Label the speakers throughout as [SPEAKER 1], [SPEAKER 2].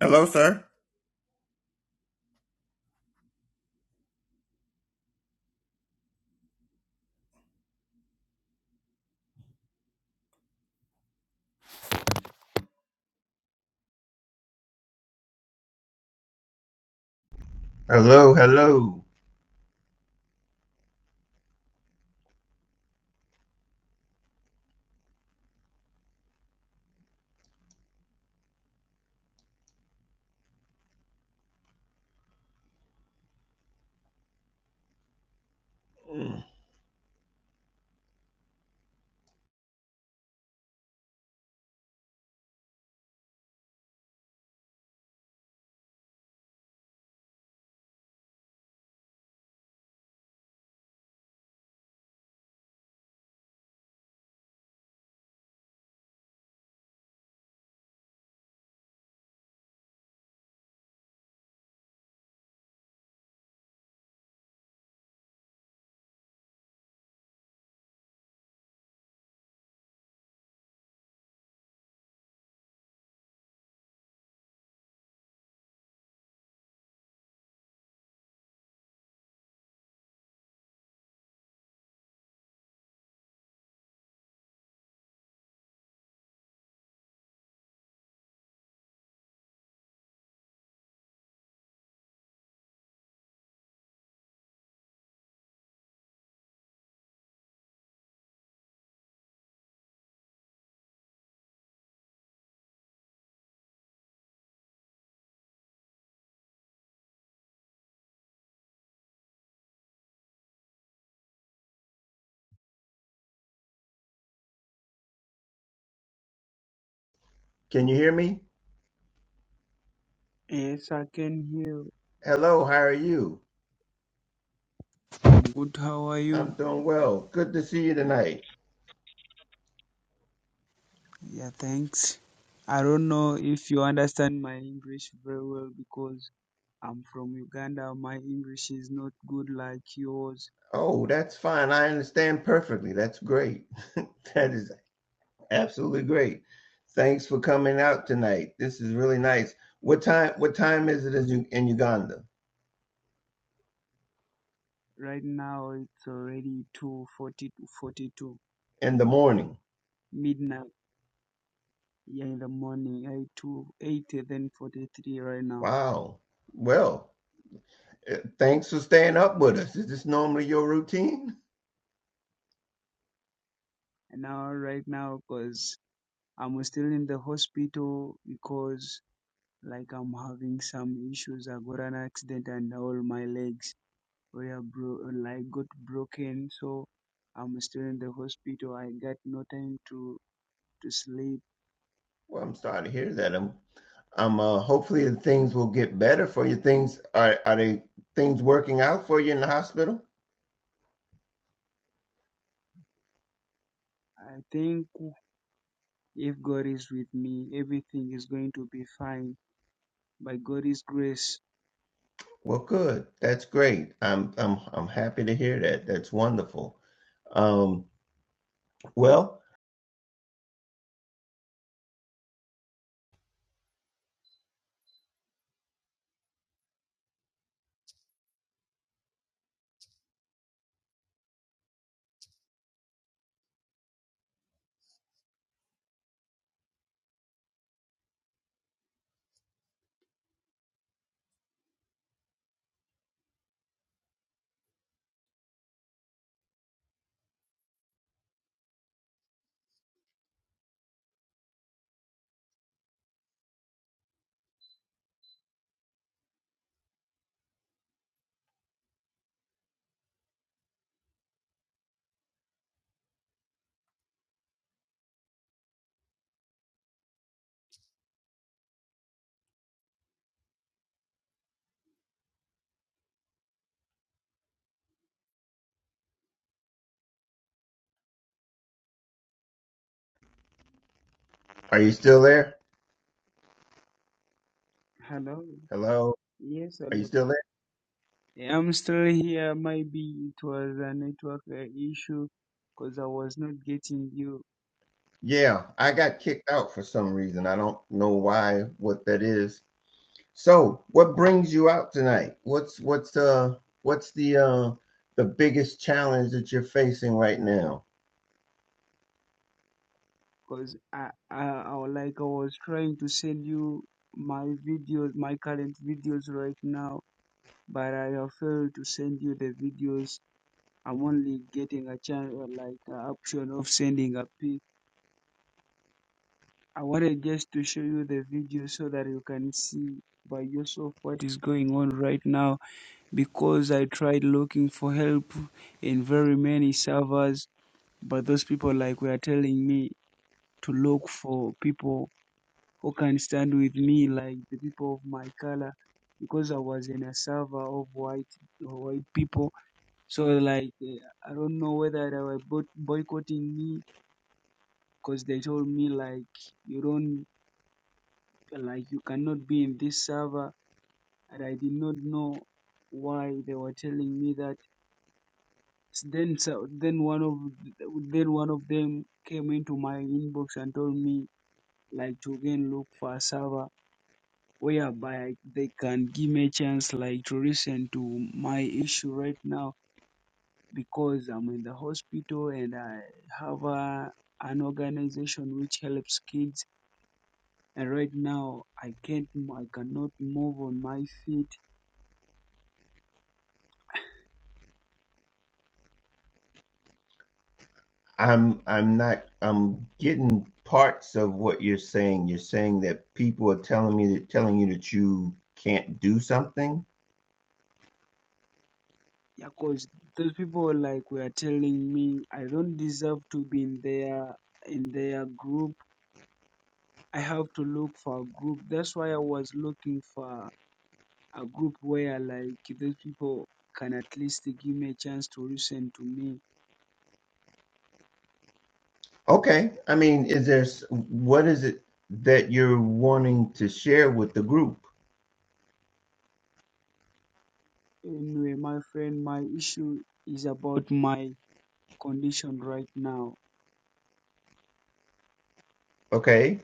[SPEAKER 1] Hello, sir. Hello, hello. Can you hear me?
[SPEAKER 2] Yes, I can hear.
[SPEAKER 1] Hello, how are you?
[SPEAKER 2] I'm Good, how are you?
[SPEAKER 1] I'm doing well. Good to see you tonight.
[SPEAKER 2] Yeah, thanks. I don't know if you understand my English very well because I'm from Uganda. My English is not good like yours.
[SPEAKER 1] Oh, that's fine. I understand perfectly. That's great. That is absolutely great. Thanks for coming out tonight. This is really nice. What time what time is it in Uganda?
[SPEAKER 2] Right now it's already 2:40 to 42
[SPEAKER 1] In the morning.
[SPEAKER 2] midnight. Yeah, in the morning, 8 to 8 then 43 right now.
[SPEAKER 1] Wow. Well, eh, thanks for staying up with us. Is this normally your routine?
[SPEAKER 2] And now right now because I'm still in the hospital because like I'm having some issues. I got an accident and all my legs. where bro- like got broken. So I'm still in the hospital. I got no time to to sleep.
[SPEAKER 1] Well, I'm starting to hear that. I'm I'm uh, hopefully the things will get better for you. Things are are they things working out for you in the hospital?
[SPEAKER 2] I think if God is with me, everything is going to be fine by God's grace.
[SPEAKER 1] Well, good. That's great. I'm I'm I'm happy to hear that. That's wonderful. Um, well, are you still there?
[SPEAKER 2] Hello.
[SPEAKER 1] Hello,
[SPEAKER 2] Yes,
[SPEAKER 1] are you
[SPEAKER 2] hello.
[SPEAKER 1] still there?
[SPEAKER 2] Yeah, I'm still here. Maybe it was a network uh, issue because I was not getting you.
[SPEAKER 1] Yeah, I got kicked out for some reason. I don't know why. What that is. So, what brings you out tonight? What's what's uh what's the uh the biggest challenge that you're facing right now?
[SPEAKER 2] Because I, I, I, was like I was trying to send you my videos, my current videos right now but I have failed to send you the videos. I'm only getting a chance, uh, like a option of sending a pic. I wanted just to show you the video so that you can see by yourself what is going on right now because I tried looking for help in very many servers, but those people like were telling me to look for people who can stand with me, like the people of my color, because I was in a server of white white people So like eh, I don't know whether they were boy- boycotting me because they told me like you don't like you cannot be in this server, and I did not know why they were telling me that. S- Then so then one of then one of them came into my inbox and told me like to again look for a server whereby they can give me a chance like to listen to my issue right now because I'm in the hospital and I have a, an organization which helps kids. And right now, I can't, mo- I cannot move on my feet.
[SPEAKER 1] I'm I'm not I'm getting parts of what you're saying. You're saying that people are telling me that telling you that you can't do something.
[SPEAKER 2] Yeah, cause those people like were telling me I don't deserve to be in their in their group. I have to look for a group. That's why I was looking for a group where like those people can at least give me a chance to listen to me.
[SPEAKER 1] Okay. I mean, is there s- what is it that you're wanting to share with the group?
[SPEAKER 2] Anyway, my friend, my issue is about my condition right now.
[SPEAKER 1] Okay.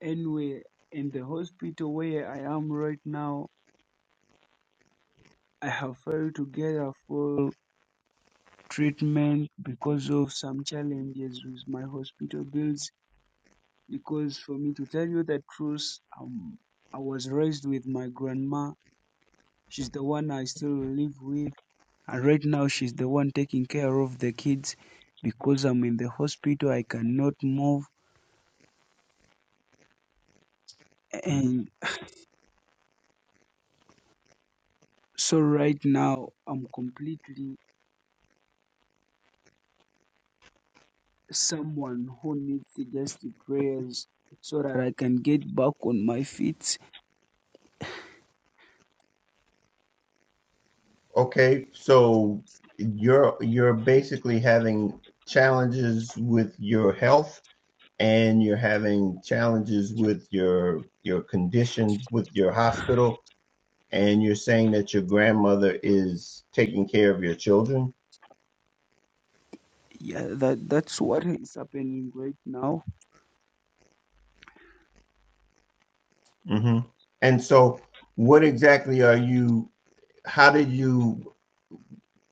[SPEAKER 2] Anyway, in the hospital where I am right now, I have failed to get a full treatment because of some challenges with my hospital bills. Because for me to tell you the truth, um, I was raised with my grandma. She's the one I still live with, and right now she's the one taking care of the kids. Because I'm in the hospital, I cannot move, and so right now I'm completely someone who needs suggested prayers so that I can get back on my feet.
[SPEAKER 1] Okay. So you're you're basically having challenges with your health and you're having challenges with your your conditions with your hospital and you're saying that your grandmother is taking care of your children.
[SPEAKER 2] Yeah, that that's what is happening right now.
[SPEAKER 1] hmm And so, what exactly are you? How did you?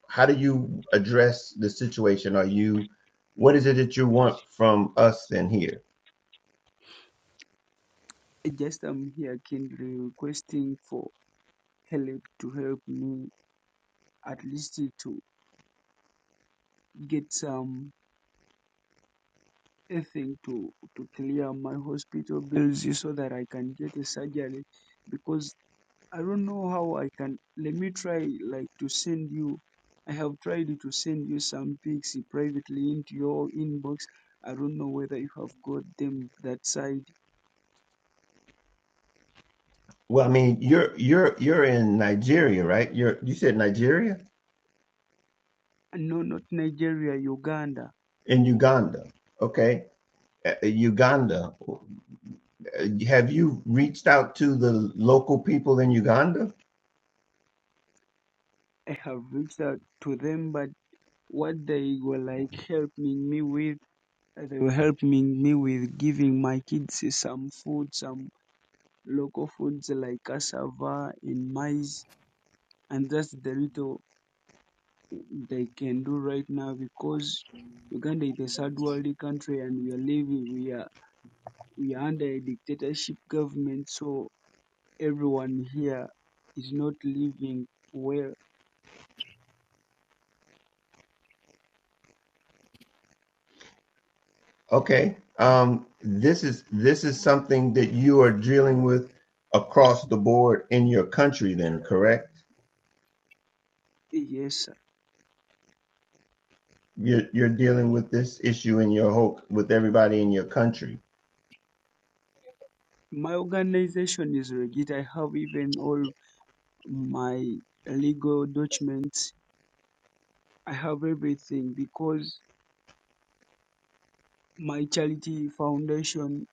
[SPEAKER 1] How do you address the situation? Are you? What is it that you want from us then here?
[SPEAKER 2] I Just am here kindly requesting for help to help me at least to get some a thing to to clear my hospital bills so that I can get a surgery because I don't know how I can. Let me try like to send you. I have tried to send you some pics privately into your inbox. I don't know whether you have got them that side.
[SPEAKER 1] Well, I mean, you're you're you're in Nigeria, right? You're you said Nigeria
[SPEAKER 2] And No, not Nigeria, Uganda.
[SPEAKER 1] in Uganda, okay? Uh, Uganda. Uh, Have you reached out to the local people in Uganda?
[SPEAKER 2] I have reached out to them, but what they were like helping me with, uh, they were helping me with giving my kids some food, some local foods like cassava and maize, and that's the little they can do right now because Uganda is a third world country and we are living we are we are under a dictatorship government so everyone here is not living well.
[SPEAKER 1] Okay. Um, this is this is something that you are dealing with across the board in your country, then, correct?
[SPEAKER 2] Yes.
[SPEAKER 1] You're you're dealing with this issue in your whole with everybody in your country.
[SPEAKER 2] My organization is legit. I have even all my legal documents. I have everything because my charity foundation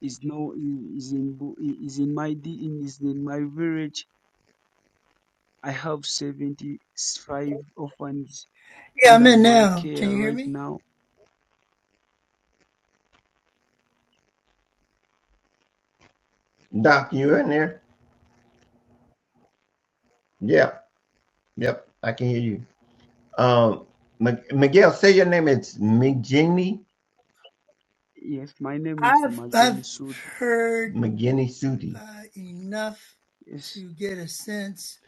[SPEAKER 2] is now is in Bu- is in my D- is in my village I have 75 orphans
[SPEAKER 3] Yeah, I'm
[SPEAKER 2] under
[SPEAKER 3] in
[SPEAKER 2] my
[SPEAKER 3] now. Can you
[SPEAKER 2] care
[SPEAKER 3] hear
[SPEAKER 2] right
[SPEAKER 3] me?
[SPEAKER 2] now.
[SPEAKER 1] Doc, you in there? Yep, yep, I can hear you. Um, M- Miguel, say your name. It's McGinney
[SPEAKER 2] Yes, my name is
[SPEAKER 3] I've
[SPEAKER 2] Magen
[SPEAKER 3] I've
[SPEAKER 2] Sudi.
[SPEAKER 3] heard
[SPEAKER 1] McGinney Sudi.
[SPEAKER 3] uh, enough
[SPEAKER 2] Yes,
[SPEAKER 3] to get a sense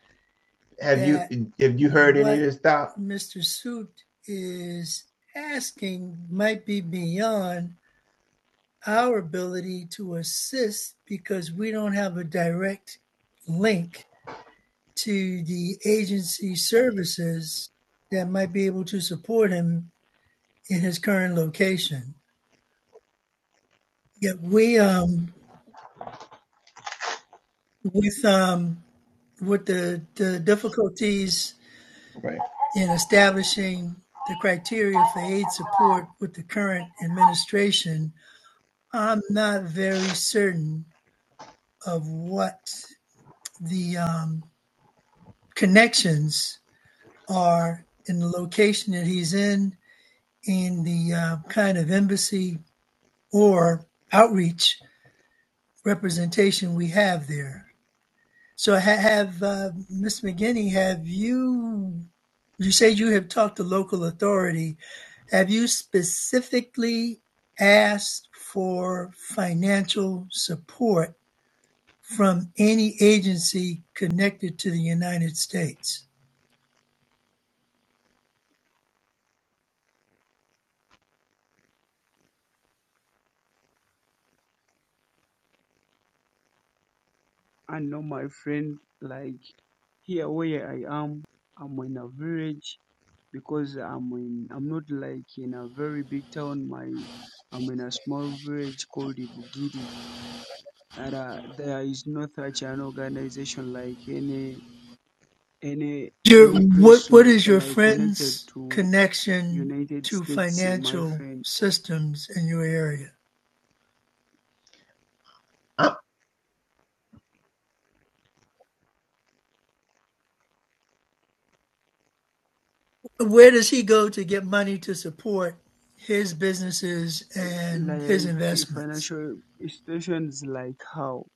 [SPEAKER 1] Have you
[SPEAKER 3] that
[SPEAKER 1] have you heard any of
[SPEAKER 3] what
[SPEAKER 1] this, Doc?
[SPEAKER 3] Mr. Suit is asking might be beyond our ability to assist because we don't have a direct link to the agency services that might be able to support him in his current location. Yet we um with um with the, the difficulties
[SPEAKER 1] Right.
[SPEAKER 3] in establishing the criteria for aid support with the current administration, I'm not very certain of what the um, connections are in the location that he's in, in the uh, kind of embassy or outreach representation we have there. So ha- have uh, Ms. McGinney, have you, you said you have talked to local authority. Have you specifically asked for financial support from any agency connected to the United States?
[SPEAKER 2] I know my friend, like here where I am, I'm in a village because I'm in, I'm not like in a very big town. My, I'm in a small village called Ibugidi. And uh, there is no such an organization like any, any,
[SPEAKER 3] Your,
[SPEAKER 2] any
[SPEAKER 3] what,
[SPEAKER 2] place
[SPEAKER 3] what
[SPEAKER 2] lo-
[SPEAKER 3] is your
[SPEAKER 2] like connected
[SPEAKER 3] friend's
[SPEAKER 2] to
[SPEAKER 3] connection
[SPEAKER 2] United
[SPEAKER 3] to
[SPEAKER 2] States, my
[SPEAKER 3] financial
[SPEAKER 2] friend.
[SPEAKER 3] systems in your area?
[SPEAKER 1] Uh,
[SPEAKER 3] Where does he go to get money to support his businesses
[SPEAKER 2] uh,
[SPEAKER 3] and his
[SPEAKER 2] like
[SPEAKER 3] investments?
[SPEAKER 2] financial institutions like how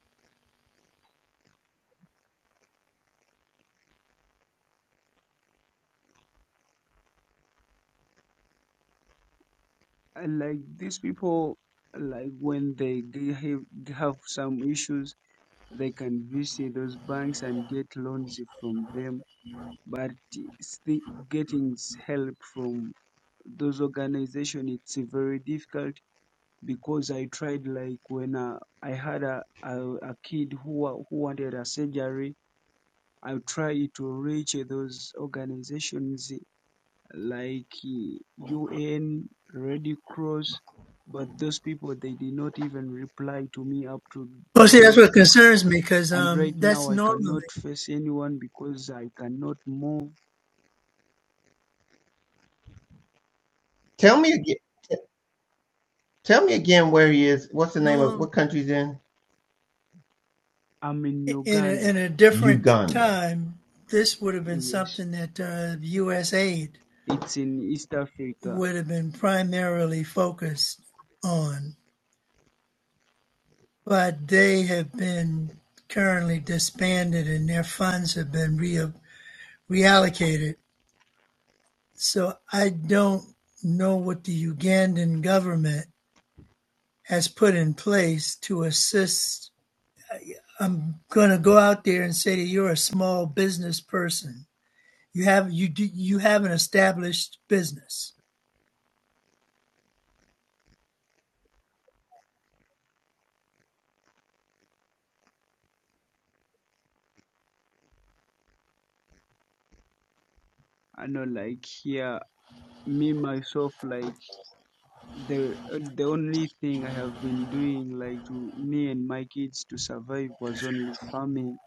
[SPEAKER 2] Uh, like these people like when they they have, they have some issues they can visit those banks and get loans from them but still getting s- help from those organizations it's very difficult because i tried like when uh, i had a, a a kid who wa- who wanted a surgery i tried to reach those organizations like eh, UN, Red Cross, but those people they did not even reply to me up to
[SPEAKER 3] Well, see, that's
[SPEAKER 2] today.
[SPEAKER 3] what concerns me because
[SPEAKER 2] And
[SPEAKER 3] um,
[SPEAKER 2] right
[SPEAKER 3] that's
[SPEAKER 2] now I
[SPEAKER 3] normally
[SPEAKER 2] cannot face anyone because I cannot move.
[SPEAKER 1] tell me again. Tell me again where he is. What's the name of
[SPEAKER 3] norm
[SPEAKER 1] what country's in?
[SPEAKER 2] I'm in
[SPEAKER 3] in a,
[SPEAKER 2] Uganda.
[SPEAKER 3] in a different
[SPEAKER 1] Uganda.
[SPEAKER 3] time. This would have been
[SPEAKER 2] Yes,
[SPEAKER 3] something that uh, U.S. aid
[SPEAKER 2] it's in East Africa.
[SPEAKER 3] would have been primarily focused on, but they have been currently disbanded and their funds have been re- reallocated So I don't know what the Ugandan government has put in place to assist. I'm going to go out there and say that you're a small business person. You have you do, you have an established business,
[SPEAKER 2] I know, like here, me myself, like the uh, the only thing I have been doing, like to me and my kids to survive was only farming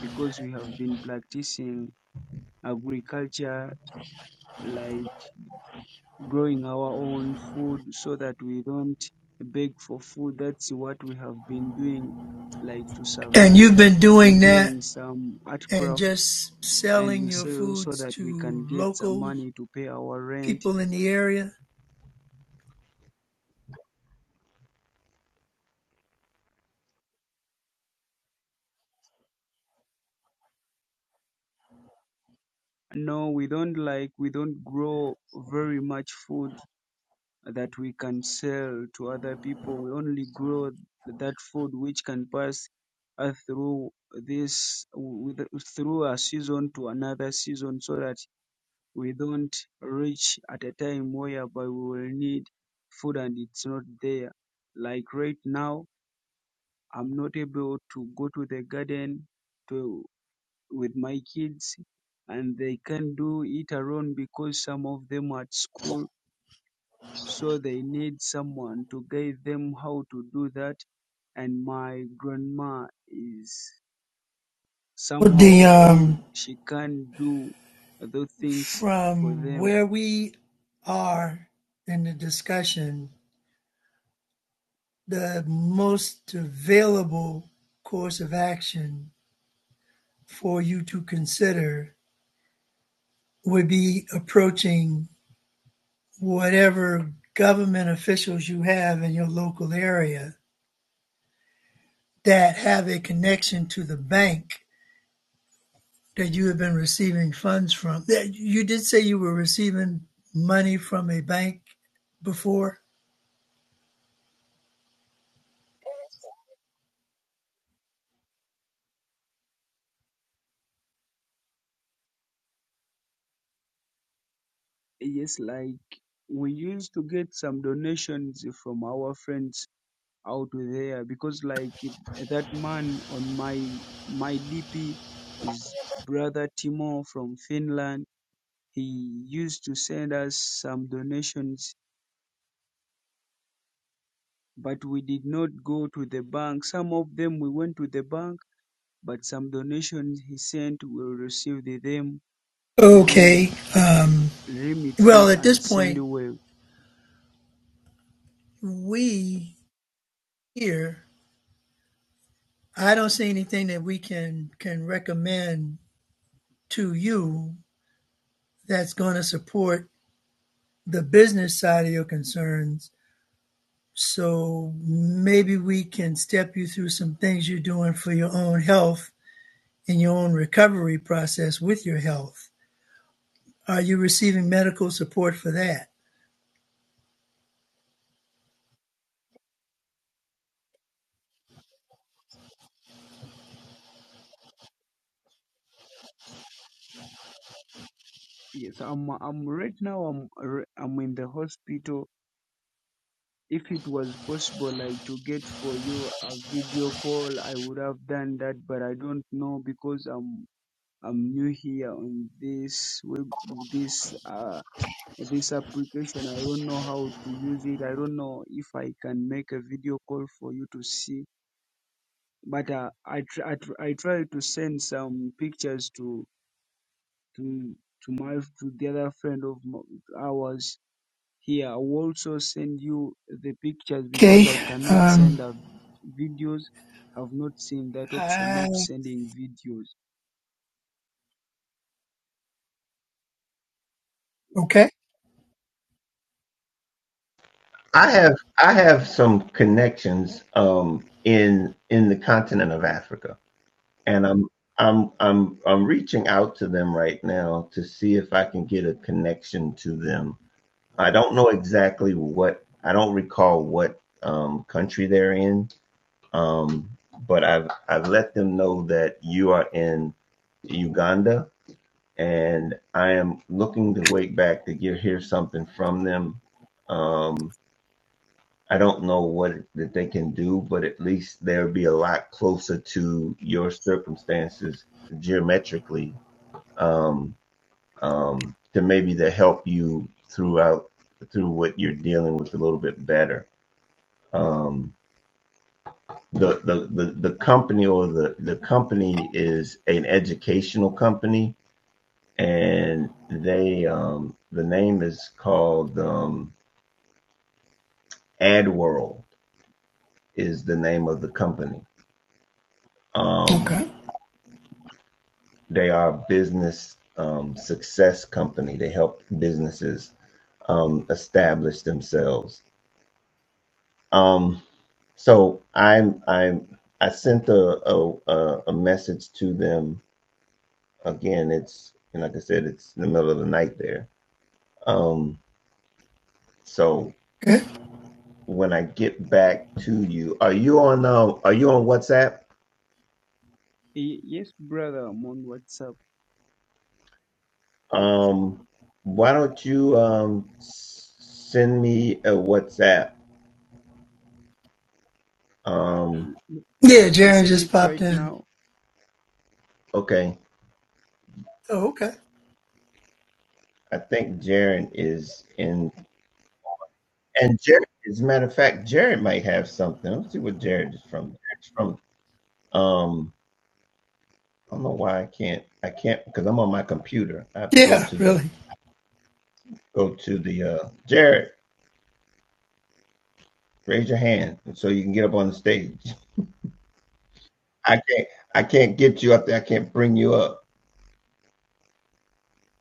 [SPEAKER 2] because we have been practicing agriculture like growing our own food so that we don't beg for food. That's what we have been doing, like to
[SPEAKER 3] and
[SPEAKER 2] survive
[SPEAKER 3] you've been doing
[SPEAKER 2] and
[SPEAKER 3] that
[SPEAKER 2] doing some art
[SPEAKER 3] and
[SPEAKER 2] crafts
[SPEAKER 3] just
[SPEAKER 2] and
[SPEAKER 3] selling
[SPEAKER 2] we
[SPEAKER 3] your
[SPEAKER 2] sell so
[SPEAKER 3] foods
[SPEAKER 2] that we
[SPEAKER 3] to
[SPEAKER 2] can get some
[SPEAKER 3] local
[SPEAKER 2] money to pay our rent.
[SPEAKER 3] people in the area.
[SPEAKER 2] No, we don't like, we don't grow very much food that we can sell to other people. We only grow that food which can pass uh, through this with, through a season to another season, so that we don't reach at a time whereby we will need food and it's not there. Like right now, I'm not able to go to the garden to with my kids, and they can do it alone because some of them are at school so they need someone to guide them how to do that. And my grandma is somehow
[SPEAKER 3] The
[SPEAKER 2] old.
[SPEAKER 3] um,
[SPEAKER 2] She can't do those things for
[SPEAKER 3] from
[SPEAKER 2] them.
[SPEAKER 3] where we are in the discussion, the most available course of action for you to consider would be approaching whatever government officials you have in your local area that have a connection to the bank that you have been receiving funds from. You did say you were receiving money from a bank before?
[SPEAKER 2] Yes, like we used to get some donations from our friends out there because like that man on my my DP is brother Timo from Finland. He used to send us some donations but we did not go to the bank. Some of them we went to the bank, but some donations he sent we received them through
[SPEAKER 3] Okay. Um, well,
[SPEAKER 2] Remitry
[SPEAKER 3] at this
[SPEAKER 2] and
[SPEAKER 3] point,
[SPEAKER 2] Sendwave.
[SPEAKER 3] we here I don't see anything that we can can recommend to you that's going to support the business side of your concerns. So maybe we can step you through some things you're doing for your own health and your own recovery process with your health. Are you receiving medical support for that?
[SPEAKER 2] Yes, I'm I'm right now I'm r- I'm in the hospital. If it was possible like to get for you a video call, I would have done that, but I don't know because I'm I'm new here on this web, this uh this application. I don't know how to use it. I don't know if I can make a video call for you to see. But uh, I tr- I, tr- I try to send some pictures to to to my to the other friend of m- ours here. I will also send you the pictures because
[SPEAKER 3] Okay.
[SPEAKER 2] I cannot
[SPEAKER 3] Um,
[SPEAKER 2] send a v- videos. I've not seen that option
[SPEAKER 3] I,
[SPEAKER 2] of sending videos.
[SPEAKER 3] okay.
[SPEAKER 1] I have I have some connections um, in in the continent of Africa, and I'm I'm I'm I'm reaching out to them right now to see if I can get a connection to them. I don't know exactly what I don't recall what um, country they're in, um, but I've I've let them know that you are in Uganda, and I am looking to wait back to get hear something from them. Um, I don't know what it, that they can do, but at least they'll be a lot closer to your circumstances geometrically um, um, to maybe to help you throughout through what you're dealing with a little bit better. Um, the, the the the company or the the company is an educational company, and they um, the name is called um, AdWorld is the name of the company. Um,
[SPEAKER 3] Okay.
[SPEAKER 1] They are a business um, success company. They help businesses um, establish themselves. Um, so I'm I'm I sent a, a a message to them again. It's and like I said, it's in the middle of the night there. Um, so
[SPEAKER 3] Good.
[SPEAKER 1] when I get back to you, are you on um are you on WhatsApp?
[SPEAKER 2] Y- yes, brother, I'm on WhatsApp.
[SPEAKER 1] Um, why don't you um send me a WhatsApp?
[SPEAKER 2] I,
[SPEAKER 1] Um,
[SPEAKER 3] Yeah,
[SPEAKER 2] I
[SPEAKER 3] Jaron
[SPEAKER 2] send
[SPEAKER 3] just
[SPEAKER 2] it
[SPEAKER 3] popped
[SPEAKER 2] right
[SPEAKER 3] in.
[SPEAKER 2] now.
[SPEAKER 1] okay.
[SPEAKER 3] Oh, okay.
[SPEAKER 1] I think Jared is in, and Jared, as a matter of fact, Jared might have something. Let's see what Jared is from. Jared's from, um, I don't know why I can't, I can't, because I'm on my computer. I have to go
[SPEAKER 3] Yeah,
[SPEAKER 1] to the,
[SPEAKER 3] really.
[SPEAKER 1] go to the, uh, Jared, raise your hand so you can get up on the stage. I can't, I can't get you up there. I can't bring you up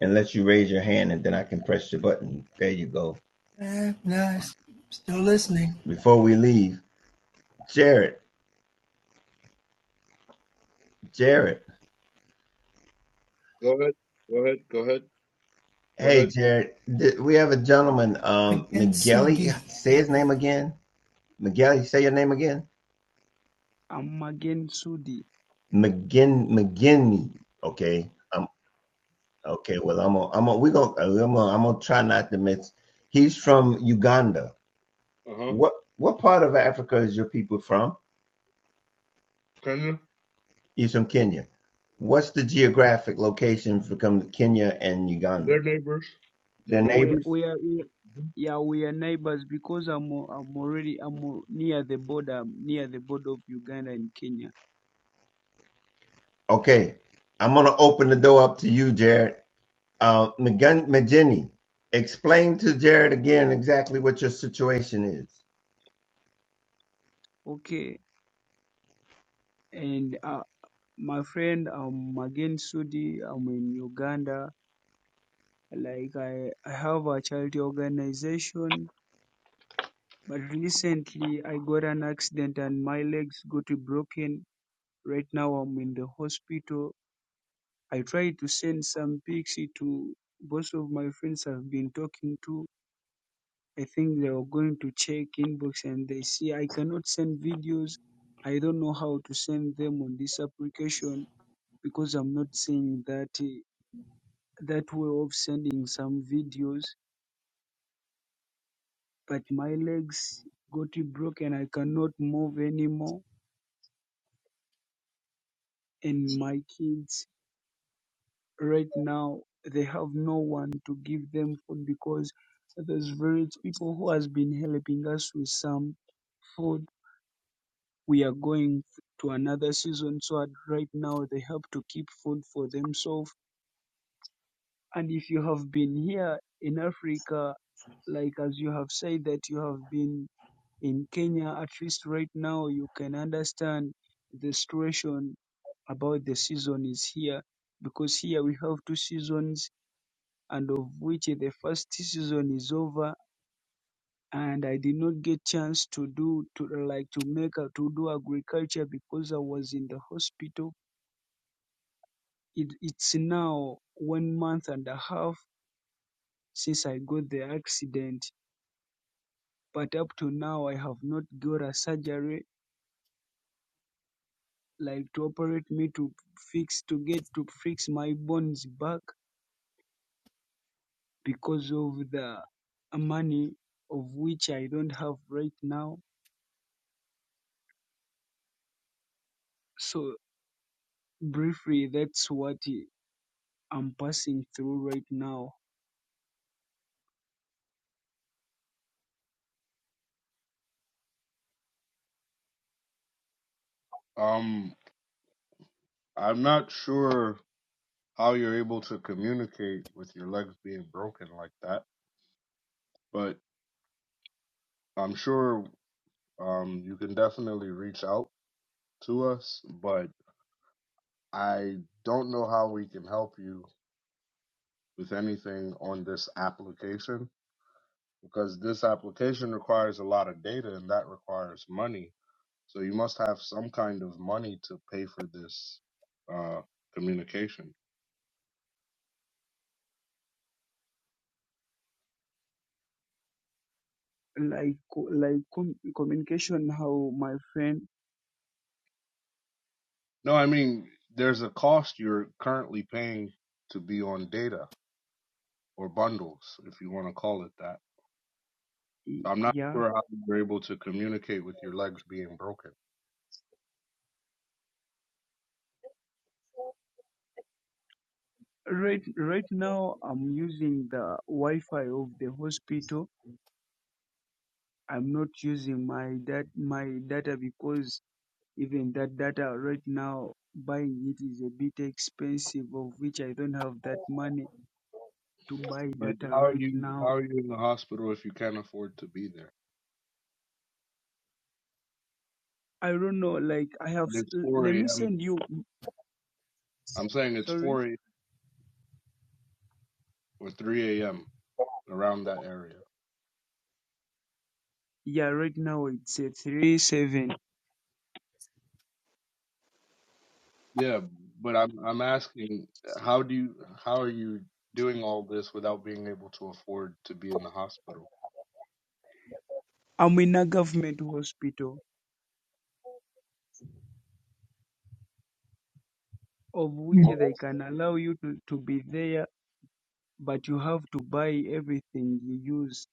[SPEAKER 1] unless you raise your hand and then I can press your button. There you go.
[SPEAKER 3] Eh, nice. Still listening.
[SPEAKER 1] Before we leave, Jared, Jared.
[SPEAKER 4] Go ahead. Go ahead. Go ahead. Go
[SPEAKER 1] Hey,
[SPEAKER 4] ahead.
[SPEAKER 1] Jared, th- we have a gentleman, um,
[SPEAKER 3] Against
[SPEAKER 1] McGelly.
[SPEAKER 3] Sugi.
[SPEAKER 1] Say his name
[SPEAKER 3] Okay.
[SPEAKER 1] again. McGelly, say your name again.
[SPEAKER 2] I'm again Sudi.
[SPEAKER 1] McGin McGinney. Okay. Um. Okay. Well, I'm. Gonna, I'm. Gonna, we gonna. I'm. Gonna, I'm gonna try not to miss. He's from Uganda.
[SPEAKER 4] Uh huh.
[SPEAKER 1] What What part of Africa is your people from?
[SPEAKER 4] Canada.
[SPEAKER 1] He's from Kenya. What's the geographic location for come Kenya and Uganda?
[SPEAKER 4] They're neighbors. They're
[SPEAKER 1] They're
[SPEAKER 2] We
[SPEAKER 4] neighbors.
[SPEAKER 1] neighbors.
[SPEAKER 2] we are we-
[SPEAKER 4] Mhm.
[SPEAKER 2] yeah we are neighbors because I'm al- I'm already I'm al- near the border I'm near the border of Uganda and Kenya.
[SPEAKER 1] Okay. I'm gonna open the door up to you, Jared. Uh, McGinney, explain to Jared again exactly what your situation is.
[SPEAKER 2] Okay, and uh, my friend I'm again Sudi. I'm in Uganda. Like I I have a charity organization, but recently I got an accident and my legs got broken. Right now I'm in the hospital. I tried to send some pics to both of my friends I've been talking to I think they were going to check inbox and they see I cannot send videos. I don't know how to send them on this application because I'm not seeing that eh, that way of sending some videos. But my legs got broken. I cannot move anymore. And my kids right now they have no one to give them food because there's various people who has been helping us with some food we are going to another season so at right now they have to keep food for themselves and if you have been here in africa like as you have said that you have been in kenya at least right now you can understand the situation about the season is here because here we have two seasons and of which the first season is over and I did not get chance to do to like to make a, to do agriculture because I was in the hospital It, it's now one month and a half since I got the accident, but up to now I have not got a surgery like to operate me to fix to get to fix my bones back because of the money of which I don't have right now. So briefly, that's what I'm passing through right now.
[SPEAKER 4] Um, I'm not sure how you're able to communicate with your legs being broken like that, but I'm sure um you can definitely reach out to us. But I don't know how we can help you with anything on this application because this application requires a lot of data and that requires money So you must have some kind of money to pay for this uh, communication.
[SPEAKER 2] Like co- like com- communication, how my friend,
[SPEAKER 4] No, I mean, there's a cost you're currently paying to be on data or bundles, if you want to call it that. So I'm not
[SPEAKER 2] yeah.
[SPEAKER 4] sure how you're able to communicate with your legs being broken.
[SPEAKER 2] Right, right now I'm using the Wi-Fi of the hospital. I'm not using my dat my data because even that data right now buying it is a bit expensive, of which I don't have that money to buy
[SPEAKER 4] But
[SPEAKER 2] data
[SPEAKER 4] how are
[SPEAKER 2] right
[SPEAKER 4] you?
[SPEAKER 2] now.
[SPEAKER 4] How are you in the hospital if you can't afford to be there?
[SPEAKER 2] I don't know, like I have.
[SPEAKER 4] And
[SPEAKER 2] s-
[SPEAKER 4] it's
[SPEAKER 2] l-
[SPEAKER 4] 4
[SPEAKER 2] Let me
[SPEAKER 4] a.m.
[SPEAKER 2] send you.
[SPEAKER 4] I'm saying it's
[SPEAKER 2] Sorry.
[SPEAKER 4] 4 a.m. or 3 a.m. around that area.
[SPEAKER 2] Yeah, right now it's a three seven.
[SPEAKER 4] Yeah, but I'm I'm asking how do you how are you doing all this without being able to afford to be in the hospital?
[SPEAKER 2] I'm in a government hospital of which they can allow you to, to be there but you have to buy everything you use.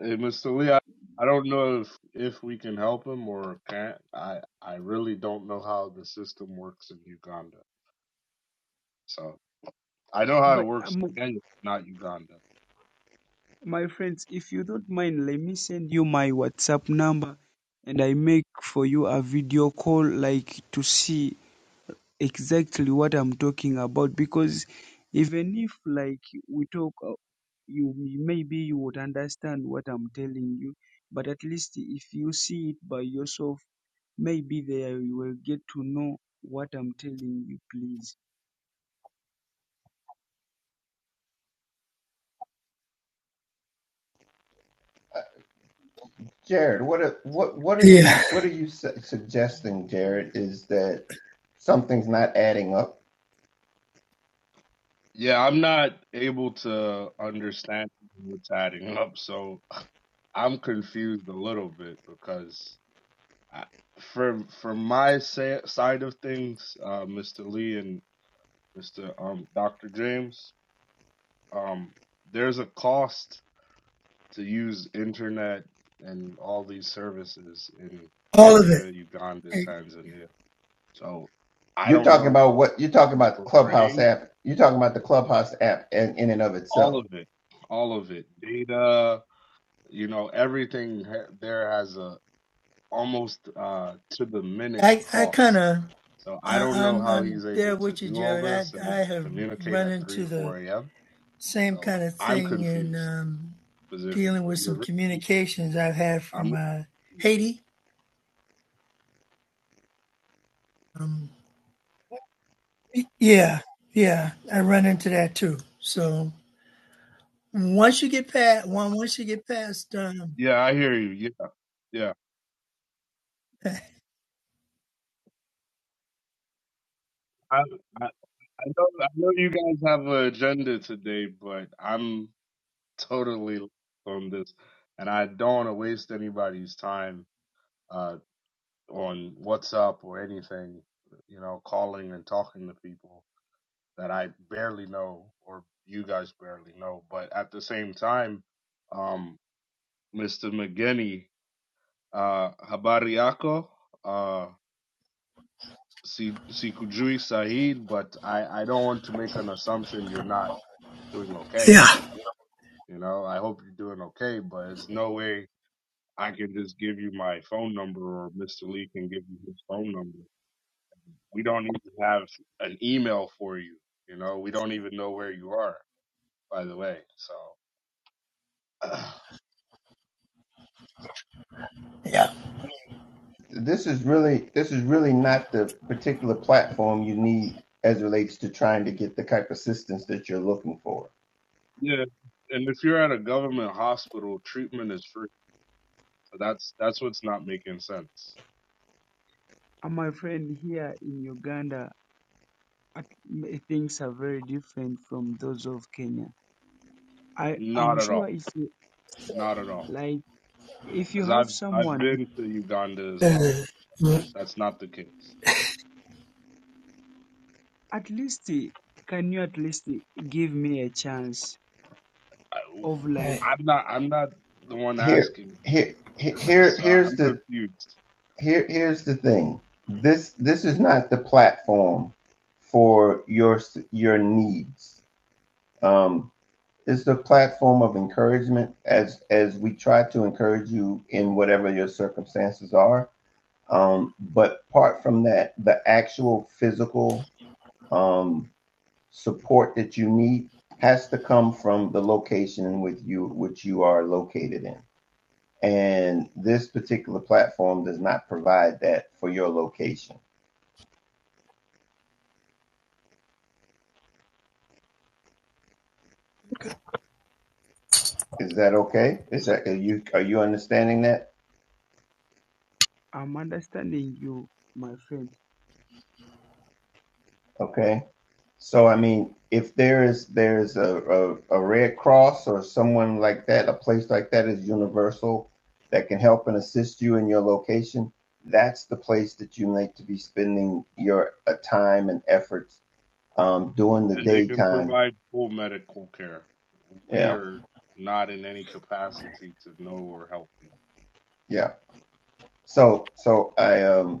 [SPEAKER 4] Hey, Mr. Lee, I, I don't know if if we can help him or can't. I I really don't know how the system works in Uganda. So I know how it
[SPEAKER 2] But
[SPEAKER 4] works
[SPEAKER 2] um,
[SPEAKER 4] in Kenya, not Uganda.
[SPEAKER 2] my friends, if you don't mind, let me send you my WhatsApp number and I make for you a video call like to see exactly what I'm talking about because even if like we talk uh, you maybe you would understand what I'm telling you, but at least if you see it by yourself, maybe there you will get to know what I'm telling you, please.
[SPEAKER 1] Uh, Jared, what are, what what are
[SPEAKER 3] Yeah.
[SPEAKER 1] you what are you su- suggesting? Jared is that something's not adding up.
[SPEAKER 4] Yeah, I'm not able to understand what's adding up, so I'm confused a little bit because I- for for my sa- side of things, uh, Mr. Lee and Mr. Um, Dr. James, um, there's a cost to use internet and all these services in
[SPEAKER 3] All of
[SPEAKER 4] Kenya, Uganda,
[SPEAKER 3] it.
[SPEAKER 4] Tanzania. So I
[SPEAKER 1] You're
[SPEAKER 4] don't
[SPEAKER 1] talking
[SPEAKER 4] know
[SPEAKER 1] about what you're talking
[SPEAKER 4] who's
[SPEAKER 1] about the Clubhouse
[SPEAKER 4] portraying
[SPEAKER 1] app. You're talking about the Clubhouse app in, in and of
[SPEAKER 4] all
[SPEAKER 1] itself.
[SPEAKER 4] of it, all of it, data, you know, everything ha- there has a almost uh, to the minute
[SPEAKER 3] I, I kind
[SPEAKER 4] cost.
[SPEAKER 3] of,
[SPEAKER 4] So I don't know
[SPEAKER 3] I'm,
[SPEAKER 4] how
[SPEAKER 3] I'm
[SPEAKER 4] he's
[SPEAKER 3] there
[SPEAKER 4] able to
[SPEAKER 3] with you,
[SPEAKER 4] do all
[SPEAKER 3] Jared.
[SPEAKER 4] this
[SPEAKER 3] I,
[SPEAKER 4] and
[SPEAKER 3] I have
[SPEAKER 4] communicate
[SPEAKER 3] run
[SPEAKER 4] at 3,
[SPEAKER 3] into the
[SPEAKER 4] 4 a.m.
[SPEAKER 3] same
[SPEAKER 4] So
[SPEAKER 3] kind of
[SPEAKER 4] I'm
[SPEAKER 3] thing in
[SPEAKER 4] confused
[SPEAKER 3] um,
[SPEAKER 4] because if
[SPEAKER 3] dealing with
[SPEAKER 4] you're
[SPEAKER 3] some
[SPEAKER 4] really,
[SPEAKER 3] communications I've had
[SPEAKER 4] I'm,
[SPEAKER 3] from uh, Haiti. Um, yeah, yeah, I run into that too. So once you get past, once you get past, um,
[SPEAKER 4] yeah, I hear you. Yeah, yeah. I, I, I know, I know you guys have an agenda today, but I'm totally lost on this and I don't want to waste anybody's time, uh, on WhatsApp or anything, you know, calling and talking to people. that I barely know or you guys barely know. But at the same time, um, Mr. McGinney, uh, habari uh, si- sikujui Saeed, but I, I don't want to make an assumption you're not doing okay.
[SPEAKER 3] yeah,
[SPEAKER 4] You know, I hope you're doing okay, but it's no way I can just give you my phone number or Mr. Lee can give you his phone number. We don't even have an email for you. You know, we don't even know where you are, by the way. So
[SPEAKER 3] yeah,
[SPEAKER 1] This is really this is really not the particular platform you need as it relates to trying to get the type of assistance that you're looking for.
[SPEAKER 4] Yeah, and if you're at a government hospital, treatment is free. So that's that's what's not making sense.
[SPEAKER 2] Uh, My friend, here in Uganda, at- m- things are very different from those of Kenya. I
[SPEAKER 4] Not
[SPEAKER 2] am
[SPEAKER 4] at all.
[SPEAKER 2] sure if you,
[SPEAKER 4] Not at all.
[SPEAKER 2] like if you
[SPEAKER 4] Because
[SPEAKER 2] have
[SPEAKER 4] I've I've
[SPEAKER 2] someone,
[SPEAKER 4] been to Uganda as well.
[SPEAKER 3] uh,
[SPEAKER 4] That's not the case.
[SPEAKER 2] at least eh, can you at least eh, give me a chance
[SPEAKER 4] I,
[SPEAKER 2] of like
[SPEAKER 3] right,
[SPEAKER 4] I'm not I'm not the one
[SPEAKER 1] Here,
[SPEAKER 4] asking here,
[SPEAKER 1] here, here,
[SPEAKER 4] so
[SPEAKER 1] here's
[SPEAKER 4] I'm
[SPEAKER 1] the
[SPEAKER 4] confused.
[SPEAKER 1] here here's the thing this this is not the platform for your your needs um it's the platform of encouragement as as we try to encourage you in whatever your circumstances are um but apart from that the actual physical um support that you need has to come from the location with you which you are located in and this particular platform does not provide that for your location Is that okay? Is that, are you, are you understanding that?
[SPEAKER 2] I'm understanding you, my friend.
[SPEAKER 1] Okay. So, I mean, if there is, there's a, a, a Red Cross or someone like that, a place like that is universal that can help and assist you in your location, that's the place that you need to be spending your uh, time and efforts um, during the
[SPEAKER 4] And they can
[SPEAKER 1] daytime.
[SPEAKER 4] provide full medical care. We
[SPEAKER 1] Yeah.
[SPEAKER 4] are not in any capacity to know or help you.
[SPEAKER 1] Yeah. So, so I, um,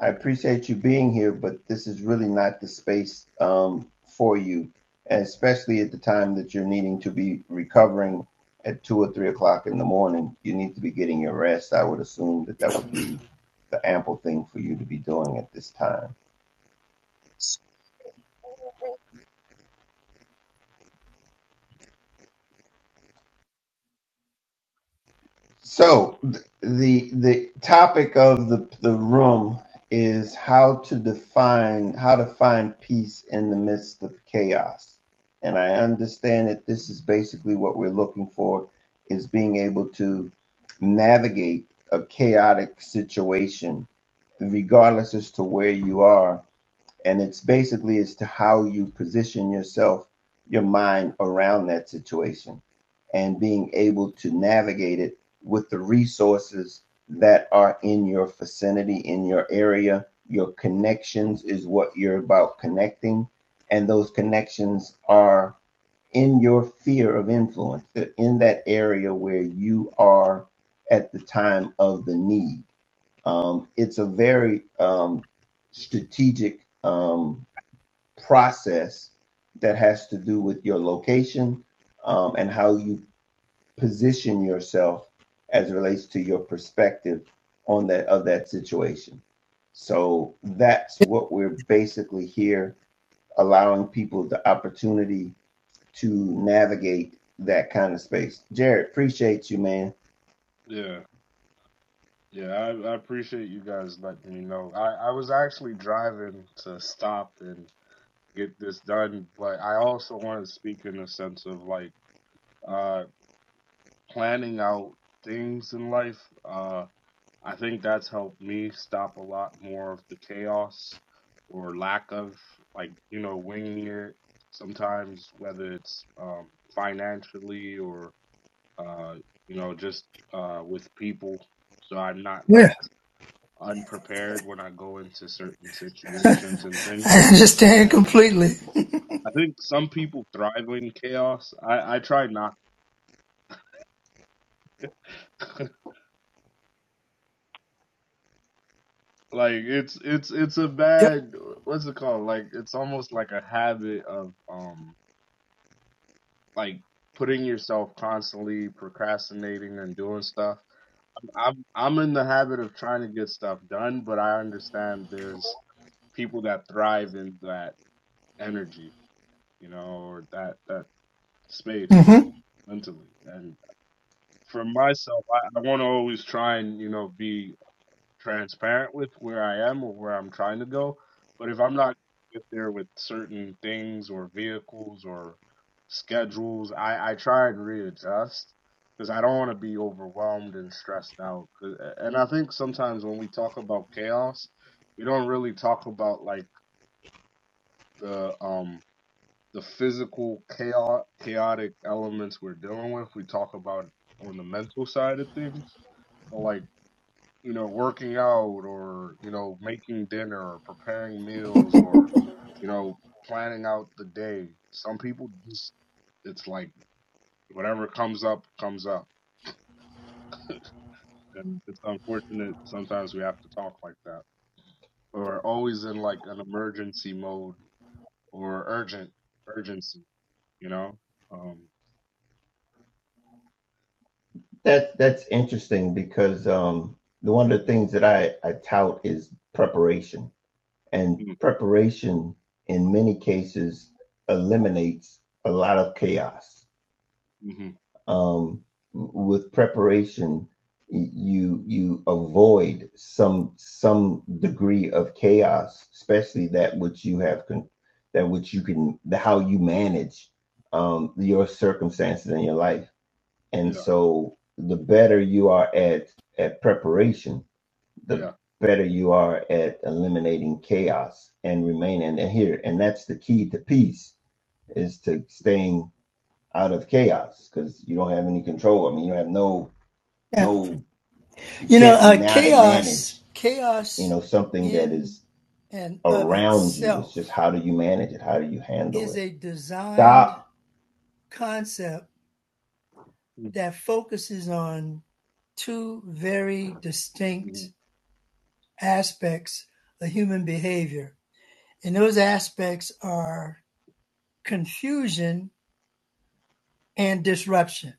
[SPEAKER 1] I appreciate you being here, but this is really not the space um, for you, and especially at the time that you're needing to be recovering at two or three o'clock in the morning. You need to be getting your rest. I would assume that that would be the ample thing for you to be doing at this time. So the the topic of the the room is how to define how to find peace in the midst of chaos. And I understand that this is basically what we're looking for is being able to navigate a chaotic situation regardless as to where you are and it's basically as to how you position yourself your mind around that situation and being able to navigate it with the resources that are in your vicinity in your area your connections is what you're about connecting and those connections are in your fear of influence they're in that area where you are at the time of the need um, it's a very um, strategic um, process that has to do with your location um, and how you position yourself as it relates to your perspective on that of that situation. So that's what we're basically here allowing people the opportunity to navigate that kind of space. Jared, appreciate you, man.
[SPEAKER 4] Yeah. Yeah, I, I appreciate you guys letting me know. I, I was actually driving to stop and get this done. But I also want to speak in a sense of like uh, planning out things in life. Uh, I think that's helped me stop a lot more of the chaos or lack of like you know winging it sometimes, whether it's um, financially or uh, you know just uh, with people. So I'm not like
[SPEAKER 3] yeah,
[SPEAKER 4] unprepared when I go into certain situations and
[SPEAKER 3] I
[SPEAKER 4] things.
[SPEAKER 3] understand
[SPEAKER 4] and.
[SPEAKER 3] completely.
[SPEAKER 4] I think some people thrive in chaos. I I try not. like it's it's it's a
[SPEAKER 3] Yep.
[SPEAKER 4] bad what's it called? Like it's almost like a habit of um like putting yourself constantly procrastinating and doing stuff. I'm I'm in the habit of trying to get stuff done, but I understand there's people that thrive in that energy, you know, or that that space
[SPEAKER 3] hmm
[SPEAKER 4] mentally. And for myself, I, I want to always try and you know be transparent with where I am or where I'm trying to go. But if I'm not get there with certain things or vehicles or schedules, I, I try and readjust because I don't want to be overwhelmed and stressed out. 'Cause- And I think sometimes when we talk about chaos, we don't really talk about like the um the physical chaos chaotic elements we're dealing with. We talk about it on the mental side of things. But, like you know, working out or, you know, making dinner or preparing meals or, you know, planning out the day. Some people just, it's like whatever comes up, comes up. And it's unfortunate sometimes we have to talk like that. Or always in like an emergency mode or urgent, urgency, you know? Um,
[SPEAKER 1] That that's interesting because um, the one of the things that I, I tout is preparation and
[SPEAKER 4] hmm
[SPEAKER 1] preparation in many cases eliminates a lot of chaos.
[SPEAKER 4] hmm
[SPEAKER 1] Um, with preparation, you you avoid some some degree of chaos, especially that which you have con- that which you can the how you manage um, your circumstances in your life. And
[SPEAKER 4] yeah,
[SPEAKER 1] so, the better you are at at preparation, the
[SPEAKER 4] yeah.
[SPEAKER 1] better you are at eliminating chaos and remaining here. And that's the key to peace is to staying out of chaos because you don't have any control. I mean, you don't have no,
[SPEAKER 3] Yeah.
[SPEAKER 1] no, you
[SPEAKER 3] You know,
[SPEAKER 1] can't
[SPEAKER 3] uh,
[SPEAKER 1] not
[SPEAKER 3] chaos,
[SPEAKER 1] manage, you
[SPEAKER 3] chaos
[SPEAKER 1] know, something that
[SPEAKER 3] in
[SPEAKER 1] is
[SPEAKER 3] and of
[SPEAKER 1] around you. It's just
[SPEAKER 3] itself
[SPEAKER 1] how do you manage it? How do you handle
[SPEAKER 3] is
[SPEAKER 1] it?
[SPEAKER 3] a designed
[SPEAKER 1] Doc,
[SPEAKER 3] concept that focuses on two very
[SPEAKER 4] Mm-hmm.
[SPEAKER 3] distinct aspects of human behavior. And those aspects are confusion and disruption.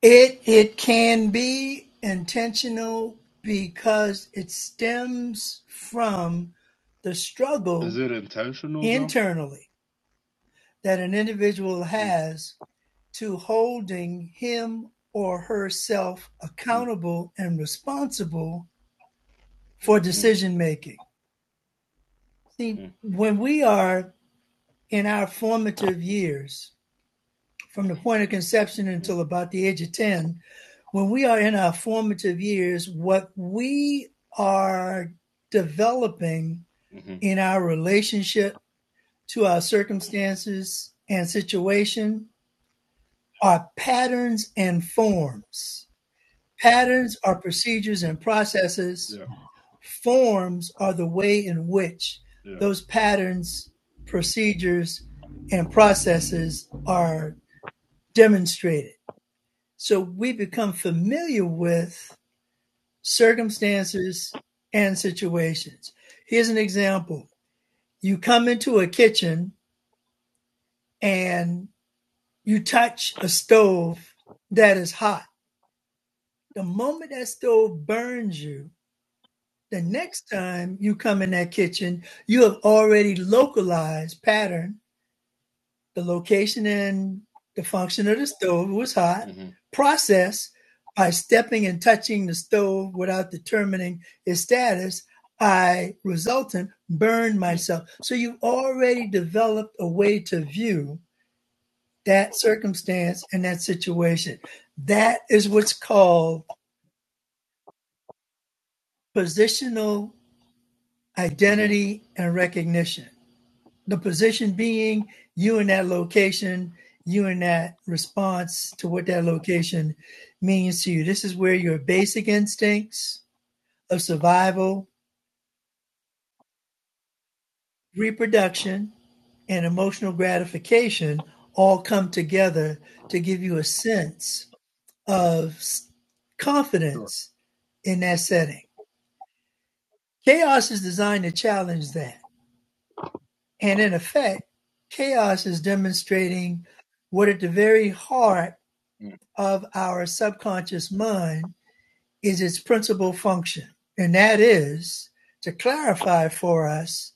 [SPEAKER 3] It it can be intentional because it stems from the
[SPEAKER 4] Is
[SPEAKER 3] struggle
[SPEAKER 4] it intentional though?
[SPEAKER 3] internally that an individual
[SPEAKER 4] Mm-hmm.
[SPEAKER 3] has to holding him or herself
[SPEAKER 4] Mm-hmm.
[SPEAKER 3] accountable and responsible for decision making. See,
[SPEAKER 4] Mm-hmm.
[SPEAKER 3] when we are in our formative years, from the point of conception until about the age of 10, when we are in our formative years, what we are developing
[SPEAKER 4] mm-hmm.
[SPEAKER 3] in our relationship to our circumstances and situation are patterns and forms. Patterns are procedures and processes.
[SPEAKER 4] Yeah,
[SPEAKER 3] Forms are the way in which
[SPEAKER 4] yeah.
[SPEAKER 3] those patterns, procedures, and processes are demonstrated. So we become familiar with circumstances and situations. Here's an example you come into a kitchen and you touch a stove that is hot. The moment that stove burns you, the next time you come in that kitchen, you have already localized pattern the location and the function of the stove was hot.
[SPEAKER 4] mhm.
[SPEAKER 3] Process by stepping and touching the stove without determining its status, I resultant burned
[SPEAKER 4] Mm,
[SPEAKER 3] myself. So you already developed a way to view that circumstance and that situation. That is what's called positional
[SPEAKER 4] mhm,
[SPEAKER 3] identity and recognition. The position being you in that location, you in that response to what that location means to you. This is where your basic instincts of survival, reproduction, and emotional gratification all come together to give you a sense of
[SPEAKER 4] Sure.
[SPEAKER 3] confidence in that setting. Chaos is designed to challenge that. And in effect, chaos is demonstrating what at the very heart
[SPEAKER 4] mm,
[SPEAKER 3] of our subconscious mind is its principal function, and that is to clarify for us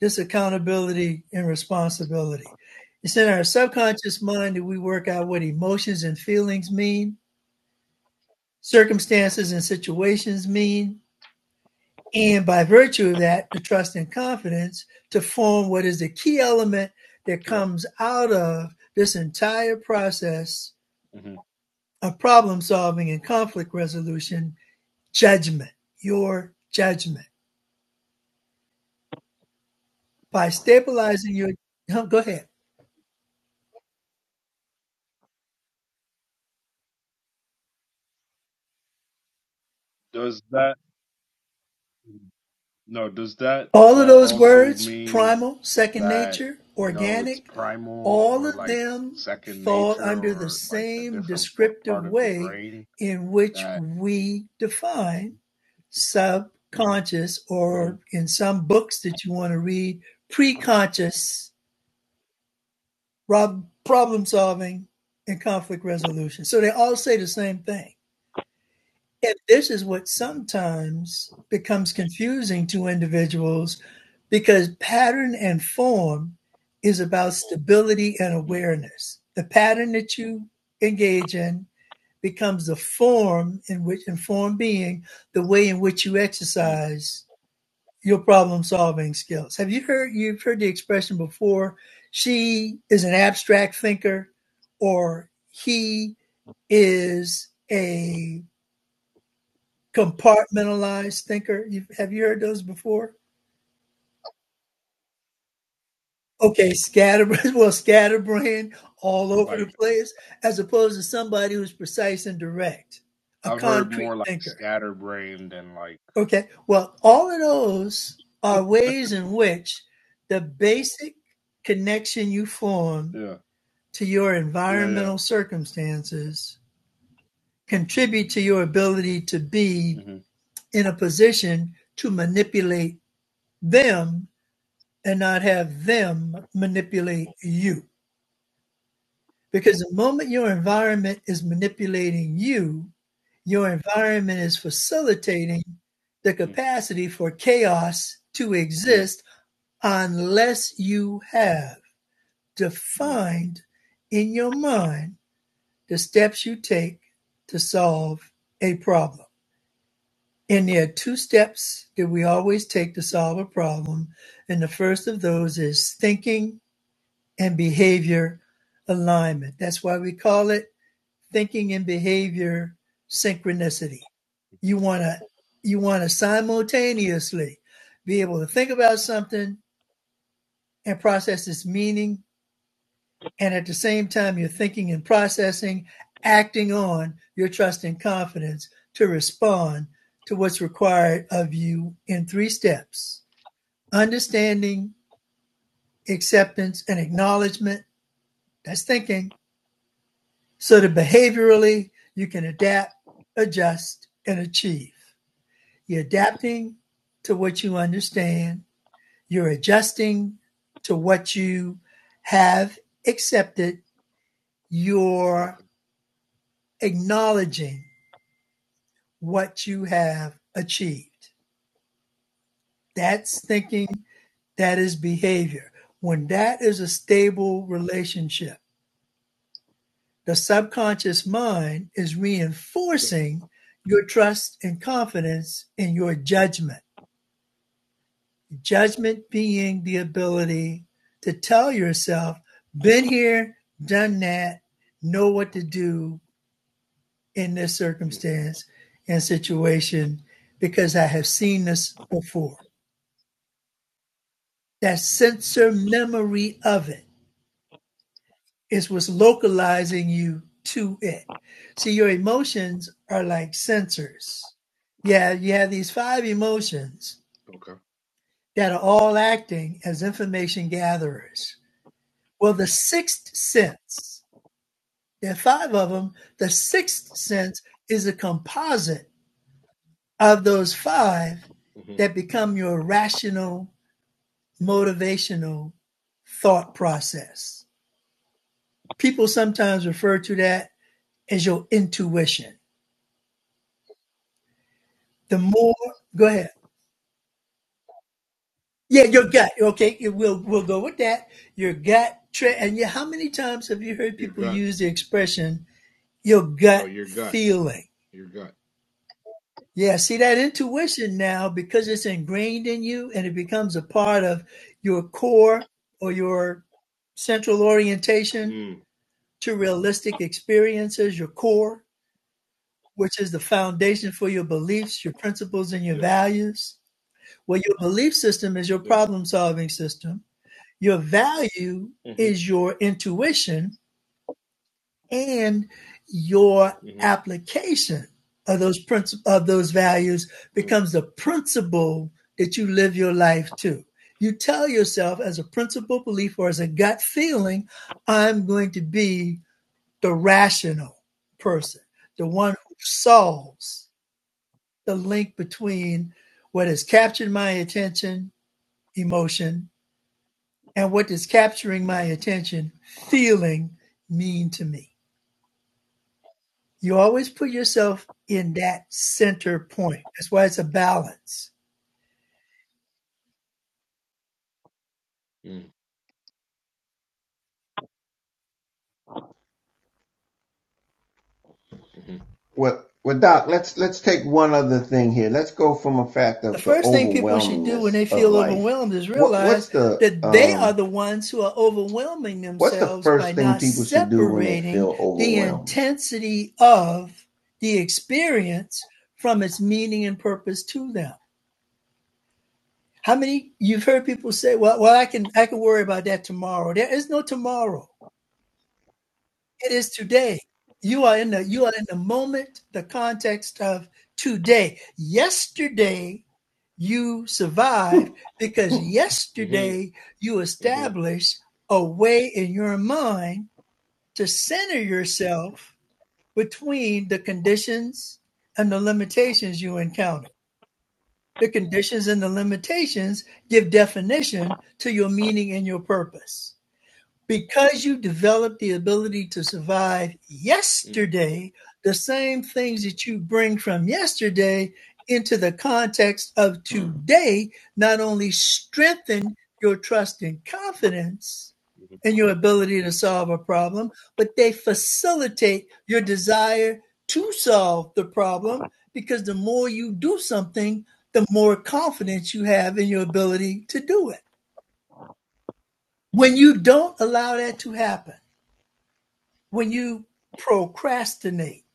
[SPEAKER 3] this accountability and responsibility. It's in our subconscious mind that we work out what emotions and feelings mean, circumstances and situations mean, and by virtue of that, the trust and confidence to form what is the key element that
[SPEAKER 4] Yeah.
[SPEAKER 3] comes out of this entire process
[SPEAKER 4] mhm.
[SPEAKER 3] of problem solving and conflict resolution judgment, your judgment. By stabilizing your, huh, go ahead.
[SPEAKER 4] Does that no, does that uh
[SPEAKER 3] All of those
[SPEAKER 4] also
[SPEAKER 3] words,
[SPEAKER 4] mean
[SPEAKER 3] primal, second
[SPEAKER 4] that,
[SPEAKER 3] nature,
[SPEAKER 4] you know, it's
[SPEAKER 3] organic,
[SPEAKER 4] primal
[SPEAKER 3] all
[SPEAKER 4] or
[SPEAKER 3] of
[SPEAKER 4] like
[SPEAKER 3] them
[SPEAKER 4] second
[SPEAKER 3] fall
[SPEAKER 4] nature
[SPEAKER 3] under the
[SPEAKER 4] or like a
[SPEAKER 3] same
[SPEAKER 4] different for-
[SPEAKER 3] descriptive
[SPEAKER 4] part of the
[SPEAKER 3] way
[SPEAKER 4] brain
[SPEAKER 3] in which
[SPEAKER 4] that
[SPEAKER 3] we define
[SPEAKER 4] Mhm,
[SPEAKER 3] subconscious,
[SPEAKER 4] mhm,
[SPEAKER 3] or in some books that you want to read, preconscious rob- problem solving and conflict resolution. So they all say the same thing. And this is what
[SPEAKER 4] mhm,
[SPEAKER 3] sometimes becomes confusing to individuals because pattern and form is about stability and
[SPEAKER 4] mm,
[SPEAKER 3] awareness. The pattern that you engage in becomes the form in which, and form being the way in which you
[SPEAKER 4] mm,
[SPEAKER 3] exercise your problem solving skills. Have you heard, you've heard the expression before, she is an abstract thinker or he is a compartmentalized thinker. You, have you heard those before? Okay, scatterbrain, well, scatterbrain all over the
[SPEAKER 4] like
[SPEAKER 3] place, as opposed to somebody who's precise and direct, a
[SPEAKER 4] I've heard
[SPEAKER 3] concrete
[SPEAKER 4] more like
[SPEAKER 3] thinker.
[SPEAKER 4] scatterbrained than like
[SPEAKER 3] Okay, well, all of those are ways in which the basic connection you form
[SPEAKER 4] yeah,
[SPEAKER 3] to your
[SPEAKER 4] yeah, yeah.
[SPEAKER 3] environmental circumstances contribute to your ability to be
[SPEAKER 4] mhm,
[SPEAKER 3] in a position to manipulate them and not have them manipulate you. Because the moment your environment is manipulating you, your environment is facilitating the
[SPEAKER 4] mm,
[SPEAKER 3] capacity for chaos to
[SPEAKER 4] mm,
[SPEAKER 3] exist unless you have
[SPEAKER 4] mm,
[SPEAKER 3] defined in your mind the steps you take to solve a problem. And there are two steps that we always take to solve a problem. And the first of those is thinking and behavior alignment. That's why we call it thinking and behavior synchronicity. You want to you want to simultaneously be able to think about something and process its meaning and at the same time you're
[SPEAKER 4] mhm,
[SPEAKER 3] thinking and processing acting on your trust and confidence to respond to what's required of you in three steps. Understanding, acceptance and acknowledgement, that's thinking So that behaviorally, you can adapt, adjust, and achieve. You're adapting to what you understand, you're adjusting to what you have accepted, you're
[SPEAKER 4] Okay.
[SPEAKER 3] acknowledging what you have achieved. That's thinking, that is behavior. When that is a stable relationship, The subconscious mind is
[SPEAKER 4] Sure.
[SPEAKER 3] reinforcing your trust and confidence in your judgment. Judgment being the ability to tell yourself, been here, done that, know what to do in this
[SPEAKER 4] mm.
[SPEAKER 3] circumstance and situation because I have seen this before. That sensor memory of it It was localizing you to it. See, your emotions are like sensors. Yeah, you have these five emotions
[SPEAKER 4] Okay.
[SPEAKER 3] that are all acting as information gatherers. Well, the sixth sense, there are five of them. The sixth sense is a composite of those five
[SPEAKER 4] hmm
[SPEAKER 3] that become your rational,
[SPEAKER 4] hmm
[SPEAKER 3] motivational thought process. People sometimes refer to that as your intuition. the more go ahead yeah your gut okay it- we'll we'll go with that your gut tra-
[SPEAKER 4] hmm
[SPEAKER 3] and yeah how many times have you heard
[SPEAKER 4] Your
[SPEAKER 3] people
[SPEAKER 4] gut.
[SPEAKER 3] use the expression your
[SPEAKER 4] No,
[SPEAKER 3] gut
[SPEAKER 4] your gut.
[SPEAKER 3] feeling
[SPEAKER 4] Your gut.
[SPEAKER 3] yeah see that intuition now because it's ingrained in you and it becomes a part of your core or your central orientation
[SPEAKER 4] Mm.
[SPEAKER 3] to realistic experiences your core which is the foundation for your beliefs your principles and your
[SPEAKER 4] Yeah.
[SPEAKER 3] values well your belief system is your
[SPEAKER 4] Yeah.
[SPEAKER 3] problem solving system Your value
[SPEAKER 4] Mm-hmm.
[SPEAKER 3] is your intuition and your
[SPEAKER 4] Mm-hmm.
[SPEAKER 3] application of those princi- of those values
[SPEAKER 4] Mm.
[SPEAKER 3] becomes the principle that you live your life to. You tell yourself as a principle belief or as a gut feeling, I'm going to be the rational person, the one who solves the link between what has captured my attention, emotion, and what does capturing my
[SPEAKER 4] Mm.
[SPEAKER 3] attention, feeling mean to me? You always put yourself in that center point. That's why it's a balance.
[SPEAKER 4] Mm. Mm-hmm.
[SPEAKER 1] well, well, Doc, let's let's take one other thing here. Let's go from a fact
[SPEAKER 3] The
[SPEAKER 1] of the
[SPEAKER 3] first thing people should do when
[SPEAKER 1] overwhelmingness
[SPEAKER 3] they
[SPEAKER 1] of
[SPEAKER 3] feel
[SPEAKER 1] life.
[SPEAKER 3] overwhelmed is
[SPEAKER 1] What
[SPEAKER 3] realize
[SPEAKER 1] what's the
[SPEAKER 3] that they are
[SPEAKER 1] um
[SPEAKER 3] the ones who are overwhelming
[SPEAKER 1] What's the
[SPEAKER 3] themselves by
[SPEAKER 1] first thing
[SPEAKER 3] not
[SPEAKER 1] people should do when they feel
[SPEAKER 3] separating the
[SPEAKER 1] overwhelmed?
[SPEAKER 3] intensity of the experience from its meaning and purpose to them. How many you've heard people say, "Well, well, I can I can worry about that tomorrow." There is no tomorrow. it is today. You are in the you are in the moment, the context of today. Yesterday you survived because
[SPEAKER 4] Mm-hmm.
[SPEAKER 3] yesterday you
[SPEAKER 4] Mm-hmm.
[SPEAKER 3] established a way in your mind to center yourself between the conditions and the limitations you encounter. The conditions and the limitations give definition to your meaning and your purpose. Because you developed the ability to survive
[SPEAKER 4] Mm.
[SPEAKER 3] yesterday, the same things that you bring from yesterday into the context of today not only strengthen your trust and confidence
[SPEAKER 4] Mm-hmm.
[SPEAKER 3] and your ability to solve a problem, but they facilitate your desire to solve the problem because the more you do something, the more confidence you have in your ability to do it. When you don't allow that to happen, when you procrastinate,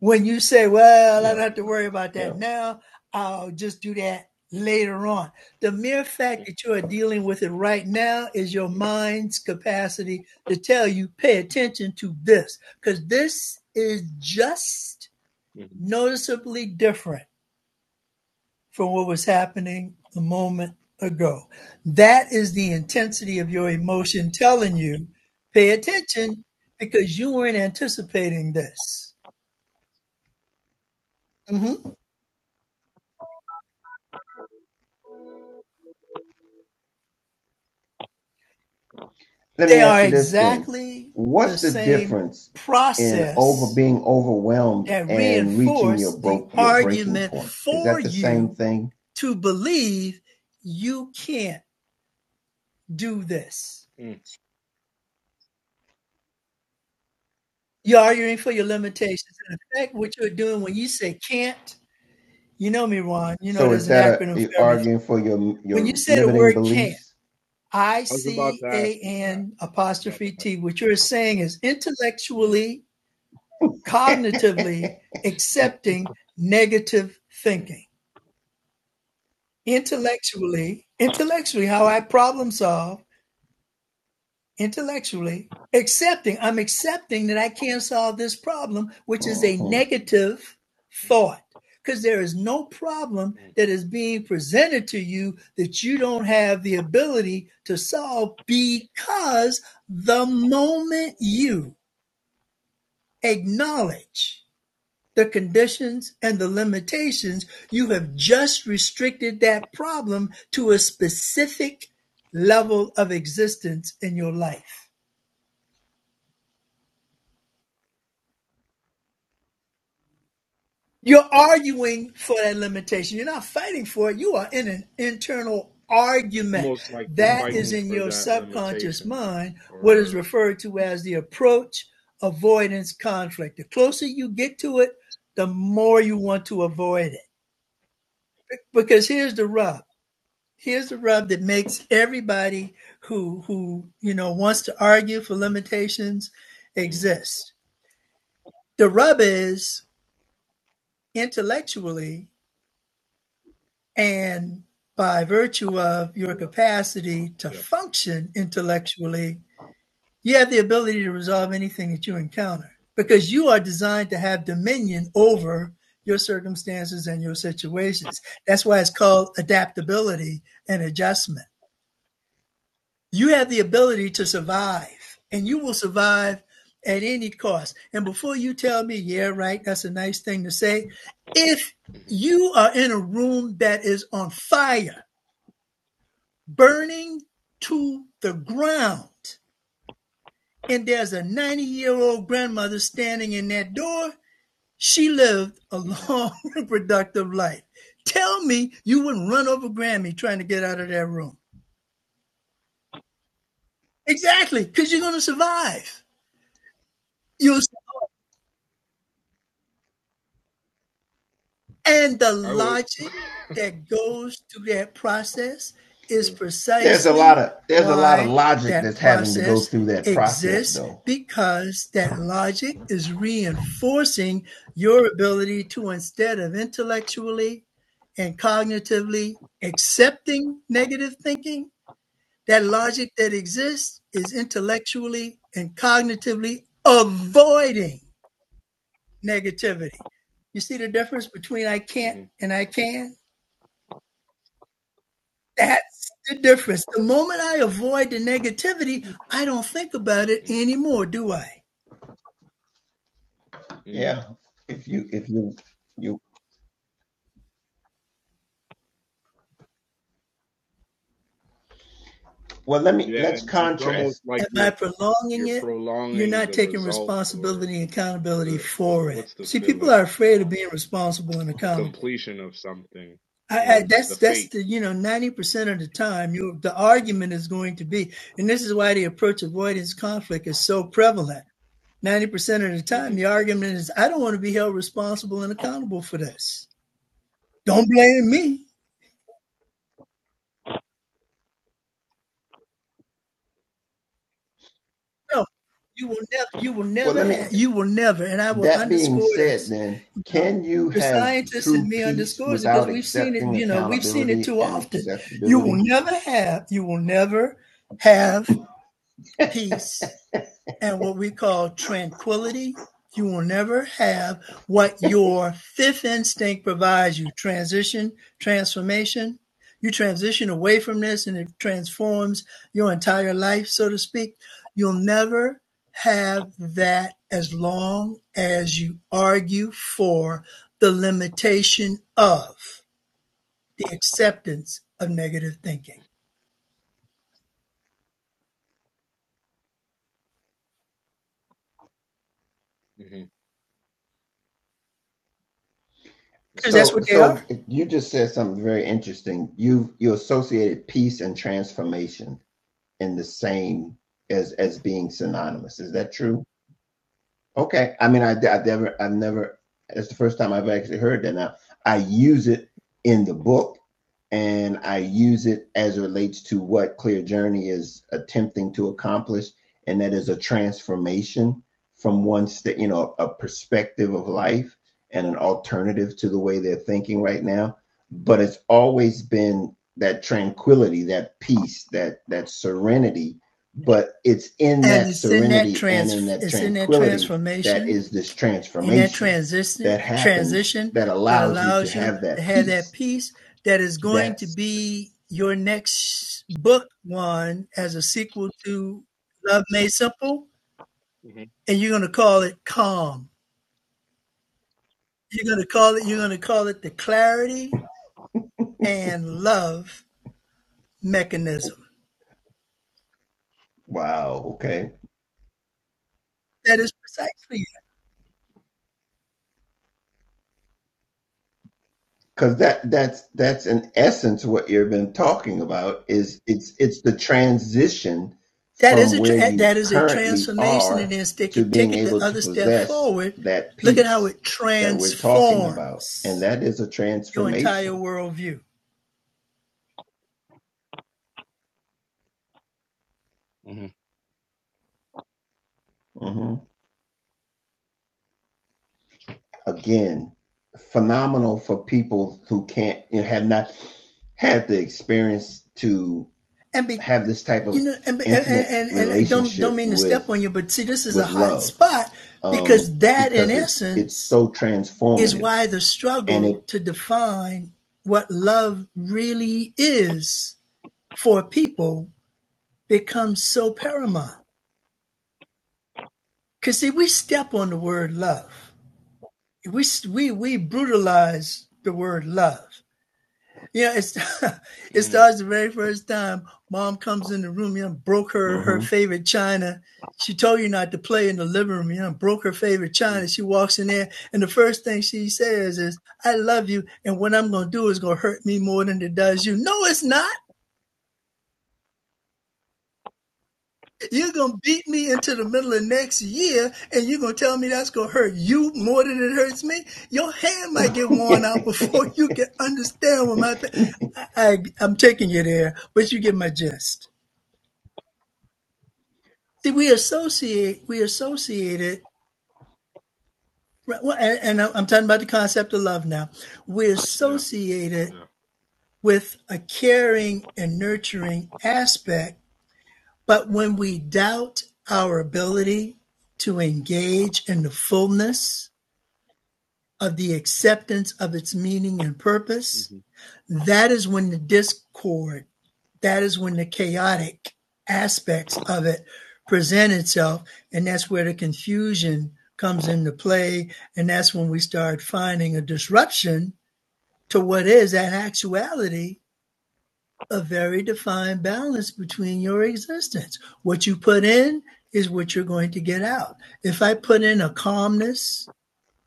[SPEAKER 3] when you say, Well, I
[SPEAKER 1] yeah,
[SPEAKER 3] don't have to
[SPEAKER 4] Mm-hmm.
[SPEAKER 3] worry about
[SPEAKER 1] yeah.
[SPEAKER 3] that now, I'll just do that later on. The mere fact that you are dealing with it right now is your
[SPEAKER 4] Mm.
[SPEAKER 3] mind's capacity to tell you, Pay attention to this, because this is just
[SPEAKER 4] Mm.
[SPEAKER 3] noticeably different from what was happening a moment ago. That is the intensity of your emotion telling you, pay attention because you weren't anticipating this. Mhm.
[SPEAKER 1] Let me
[SPEAKER 3] They
[SPEAKER 1] ask
[SPEAKER 3] are
[SPEAKER 1] you this then.
[SPEAKER 3] exactly
[SPEAKER 1] What's
[SPEAKER 3] the
[SPEAKER 1] the
[SPEAKER 3] same
[SPEAKER 1] difference in over
[SPEAKER 3] process
[SPEAKER 1] being overwhelmed
[SPEAKER 3] that
[SPEAKER 1] and reaching your
[SPEAKER 3] reinforce the
[SPEAKER 1] broke your breaking
[SPEAKER 3] argument
[SPEAKER 1] point? Is
[SPEAKER 3] for
[SPEAKER 1] that the same
[SPEAKER 3] you
[SPEAKER 1] thing?
[SPEAKER 3] to believe you can't do this.
[SPEAKER 4] Mm.
[SPEAKER 3] You're arguing for your limitations. In effect, what you're doing when you say can't You know me, Ron. You know
[SPEAKER 1] So
[SPEAKER 3] there's
[SPEAKER 1] is
[SPEAKER 3] an
[SPEAKER 1] that a
[SPEAKER 3] acronym
[SPEAKER 1] you
[SPEAKER 3] for everything.
[SPEAKER 1] arguing for your
[SPEAKER 3] When you
[SPEAKER 1] your
[SPEAKER 3] say the
[SPEAKER 1] limiting
[SPEAKER 3] word can,
[SPEAKER 1] beliefs?
[SPEAKER 3] I
[SPEAKER 4] I was about
[SPEAKER 3] C
[SPEAKER 4] to ask
[SPEAKER 3] A
[SPEAKER 4] you that.
[SPEAKER 3] N
[SPEAKER 4] I was about to
[SPEAKER 3] apostrophe
[SPEAKER 4] ask.
[SPEAKER 3] T, what you're saying is
[SPEAKER 4] Mm.
[SPEAKER 3] intellectually,
[SPEAKER 1] hmm
[SPEAKER 3] cognitively accepting negative
[SPEAKER 4] Mm.
[SPEAKER 3] thinking. Intellectually, intellectually, how I problem solve
[SPEAKER 4] Mm.
[SPEAKER 3] intellectually accepting i'm accepting that i can't solve this problem which is a negative
[SPEAKER 4] Mm.
[SPEAKER 3] thought because there is no problem
[SPEAKER 4] Mm.
[SPEAKER 3] that is being presented to you that you don't have the ability to solve because the moment you acknowledge the conditions and the limitations you have just restricted that problem to a specific level of existence in your life You're arguing for that limitation. You're not fighting for it. You are in an internal argument.
[SPEAKER 4] Almost like you're
[SPEAKER 3] That
[SPEAKER 1] hmm
[SPEAKER 3] is
[SPEAKER 4] fighting
[SPEAKER 3] in
[SPEAKER 4] for
[SPEAKER 3] your
[SPEAKER 4] that
[SPEAKER 3] subconscious
[SPEAKER 4] limitation,
[SPEAKER 3] mind, what is
[SPEAKER 4] or
[SPEAKER 3] referred to as the approach avoidance conflict. The closer you get to it, the more you want to avoid it. Because here's the rub. Here's the rub that makes everybody who who you know wants
[SPEAKER 4] mm.
[SPEAKER 3] to argue for limitations
[SPEAKER 4] Mm.
[SPEAKER 3] exist. The rub is intellectually And by virtue of your
[SPEAKER 4] yeah,
[SPEAKER 3] capacity to
[SPEAKER 4] yeah.
[SPEAKER 3] function intellectually, you have the ability to resolve anything that you encounter because you are designed to have dominion over your circumstances and your situations. That's why it's called adaptability and adjustment. You have the ability to survive, and you will survive at any cost. And before you tell me, yeah, right, that's a nice thing to say, if
[SPEAKER 4] Mm-hmm.
[SPEAKER 3] you are in a room that is on fire, burning to the ground. And there's a 90 year old grandmother standing in that door. She lived a
[SPEAKER 4] Mm-hmm.
[SPEAKER 3] long, reproductive life. Tell me you wouldn't run over Grammy trying to get out of that room. Exactly, because you're going to survive. You'll And the
[SPEAKER 4] I would.
[SPEAKER 3] logic that goes through that process is
[SPEAKER 4] yeah.
[SPEAKER 1] There's a lot
[SPEAKER 3] precisely
[SPEAKER 1] of there's a lot of
[SPEAKER 3] why
[SPEAKER 1] logic
[SPEAKER 3] that
[SPEAKER 1] that's having to go
[SPEAKER 3] process
[SPEAKER 1] through that process
[SPEAKER 3] exists
[SPEAKER 1] though.
[SPEAKER 3] because that logic is reinforcing your ability to, instead of intellectually and cognitively accepting negative thinking, that logic that exists is intellectually and cognitively avoiding negativity. You see the difference between I can't
[SPEAKER 4] Mm-hmm.
[SPEAKER 3] and I can? That's the difference. The moment I avoid the negativity, I don't think about it
[SPEAKER 4] Mm.
[SPEAKER 3] anymore, do I?
[SPEAKER 4] Mm.
[SPEAKER 1] Yeah. If you if you you well let me
[SPEAKER 4] Yeah,
[SPEAKER 1] let's
[SPEAKER 4] and it's almost
[SPEAKER 1] contrast.
[SPEAKER 4] like
[SPEAKER 3] And by
[SPEAKER 4] you're
[SPEAKER 3] prolonging
[SPEAKER 4] you're
[SPEAKER 3] it, you're
[SPEAKER 4] prolonging
[SPEAKER 3] not
[SPEAKER 4] the
[SPEAKER 3] taking
[SPEAKER 4] result, or.
[SPEAKER 3] responsibility and accountability
[SPEAKER 4] the the
[SPEAKER 3] for it.
[SPEAKER 4] what's the
[SPEAKER 3] See, people
[SPEAKER 4] feeling?
[SPEAKER 3] are afraid of
[SPEAKER 4] Um,
[SPEAKER 3] being responsible and
[SPEAKER 4] the
[SPEAKER 3] accountable.
[SPEAKER 4] completion of something
[SPEAKER 3] I, I,
[SPEAKER 4] or the
[SPEAKER 3] that's that's
[SPEAKER 4] fate.
[SPEAKER 3] the you know ninety percent of the time you the argument is going to be, and this is why the approach avoidance
[SPEAKER 4] hmm
[SPEAKER 3] conflict is so prevalent 90% of the time,
[SPEAKER 4] hmm
[SPEAKER 3] the argument is, I don't want to be held responsible and accountable for this. Don't blame me. No, you will never, you will
[SPEAKER 1] Well
[SPEAKER 3] never
[SPEAKER 1] let me
[SPEAKER 3] have,
[SPEAKER 4] hmm
[SPEAKER 3] you will never, and I will
[SPEAKER 1] That being
[SPEAKER 3] underscore
[SPEAKER 1] said,
[SPEAKER 3] this.
[SPEAKER 1] then,
[SPEAKER 3] You know,
[SPEAKER 1] can you
[SPEAKER 3] the
[SPEAKER 1] have
[SPEAKER 3] scientist in
[SPEAKER 1] true
[SPEAKER 3] me
[SPEAKER 1] peace
[SPEAKER 3] underscores it because
[SPEAKER 1] without
[SPEAKER 3] we've seen it,
[SPEAKER 1] accepting
[SPEAKER 3] you know, we've seen it
[SPEAKER 1] accountability
[SPEAKER 3] too
[SPEAKER 1] and
[SPEAKER 3] often. You will
[SPEAKER 1] acceptability?
[SPEAKER 3] never have, you will never have peace and what we call tranquility. You will never have what your fifth instinct provides you transition, transformation. You transition away from this and it transforms your entire life, so to speak. You'll never have that as long as you argue for the limitation of the acceptance of negative thinking because that's
[SPEAKER 1] So,
[SPEAKER 3] what they are
[SPEAKER 1] so you just said something very interesting. You you associated peace and transformation in the same as as being synonymous. Is that true? Okay. I mean, I, I never, I've never, It's the first time I've actually heard that. Now, I use it in the book and I use it as it relates to what Clear Journey is attempting to accomplish. And that is a transformation from one state, you know, a perspective of life and an alternative to the way they're thinking right now. But it's always been that tranquility, that peace, that, that serenity but it's in
[SPEAKER 3] and
[SPEAKER 1] that
[SPEAKER 3] it's in that
[SPEAKER 1] serenity and in
[SPEAKER 3] trans
[SPEAKER 1] that
[SPEAKER 3] it's in that
[SPEAKER 1] tranquility that
[SPEAKER 3] transformation
[SPEAKER 1] is this
[SPEAKER 3] in that
[SPEAKER 1] transformation
[SPEAKER 3] transition
[SPEAKER 1] that happens
[SPEAKER 3] transition
[SPEAKER 1] that
[SPEAKER 3] that
[SPEAKER 1] allows you to
[SPEAKER 3] allows you
[SPEAKER 1] have
[SPEAKER 3] to
[SPEAKER 1] that
[SPEAKER 3] have that
[SPEAKER 1] peace
[SPEAKER 3] peace that is going to
[SPEAKER 1] that's
[SPEAKER 3] be your next book one as a sequel to Love Made Simple
[SPEAKER 4] hmm
[SPEAKER 3] and you're going to call it calm you're going to call it you're going to call it the clarity and love mechanism
[SPEAKER 1] wow okay
[SPEAKER 3] that is precisely it.
[SPEAKER 1] because that that's that's in essence what you've been talking about is it's it's the transition
[SPEAKER 3] that is
[SPEAKER 1] from
[SPEAKER 3] a
[SPEAKER 1] where you
[SPEAKER 3] that is a
[SPEAKER 1] currently
[SPEAKER 3] transformation and
[SPEAKER 1] are
[SPEAKER 3] then stick
[SPEAKER 1] to
[SPEAKER 3] it take
[SPEAKER 1] being
[SPEAKER 3] it the
[SPEAKER 1] able to
[SPEAKER 3] other step
[SPEAKER 1] possess
[SPEAKER 3] forward
[SPEAKER 1] that
[SPEAKER 3] look at how
[SPEAKER 1] peace
[SPEAKER 3] it
[SPEAKER 1] that we're talking about
[SPEAKER 3] transforms
[SPEAKER 1] and that is a
[SPEAKER 3] your entire
[SPEAKER 1] transformation
[SPEAKER 3] worldview.
[SPEAKER 4] hmm
[SPEAKER 1] Mm-hmm. again phenomenal for people who can't you know, have not had the experience to
[SPEAKER 3] And be
[SPEAKER 1] have this type
[SPEAKER 3] you
[SPEAKER 1] of
[SPEAKER 3] know, and
[SPEAKER 1] intimate
[SPEAKER 3] and, and, and don't don't
[SPEAKER 1] relationship
[SPEAKER 3] mean to step
[SPEAKER 1] with
[SPEAKER 3] on you, but see, this is a
[SPEAKER 1] with
[SPEAKER 3] hot
[SPEAKER 1] love
[SPEAKER 3] spot
[SPEAKER 1] um
[SPEAKER 3] because that, in
[SPEAKER 1] because it's it's
[SPEAKER 3] essence,
[SPEAKER 1] so
[SPEAKER 3] is
[SPEAKER 1] transformative
[SPEAKER 3] why the
[SPEAKER 1] and
[SPEAKER 3] struggle
[SPEAKER 1] it
[SPEAKER 3] to define what love really is for people becomes so paramount. Because see, we step on the word love. We we we brutalize the word love. Yeah, it's it
[SPEAKER 4] mm
[SPEAKER 3] starts the very first time mom comes in the room, you know, broke her her
[SPEAKER 1] Mhm.
[SPEAKER 3] favorite china. She told you not to play in the living room, you know, broke her favorite china.
[SPEAKER 4] mm
[SPEAKER 3] She walks in there and the first thing she says is, I love you, and what I'm gonna do is gonna hurt me more than it does you. No, it's not. You're gonna beat me into the middle of next year, and you're gonna tell me that's gonna hurt you more than it hurts me. Your hand might get worn out before you can understand what my. I, I I'm taking you there, but you get my gist. See, we associate we associate it, right, well, and, and I'm I'm talking about the concept of love now. We
[SPEAKER 4] Yeah.
[SPEAKER 3] associate it
[SPEAKER 4] Yeah.
[SPEAKER 3] with a caring and nurturing aspect, but when we doubt our ability to engage in the fullness of the acceptance of its meaning and purpose,
[SPEAKER 4] Mm-hmm.
[SPEAKER 3] that is when the discord, that is when the chaotic aspects of it present itself. And that's where the confusion comes into play. And that's when we start finding a disruption to what is, in actuality, a very defined balance between your existence. What you put in is what you're going to get out. If I put in a calmness,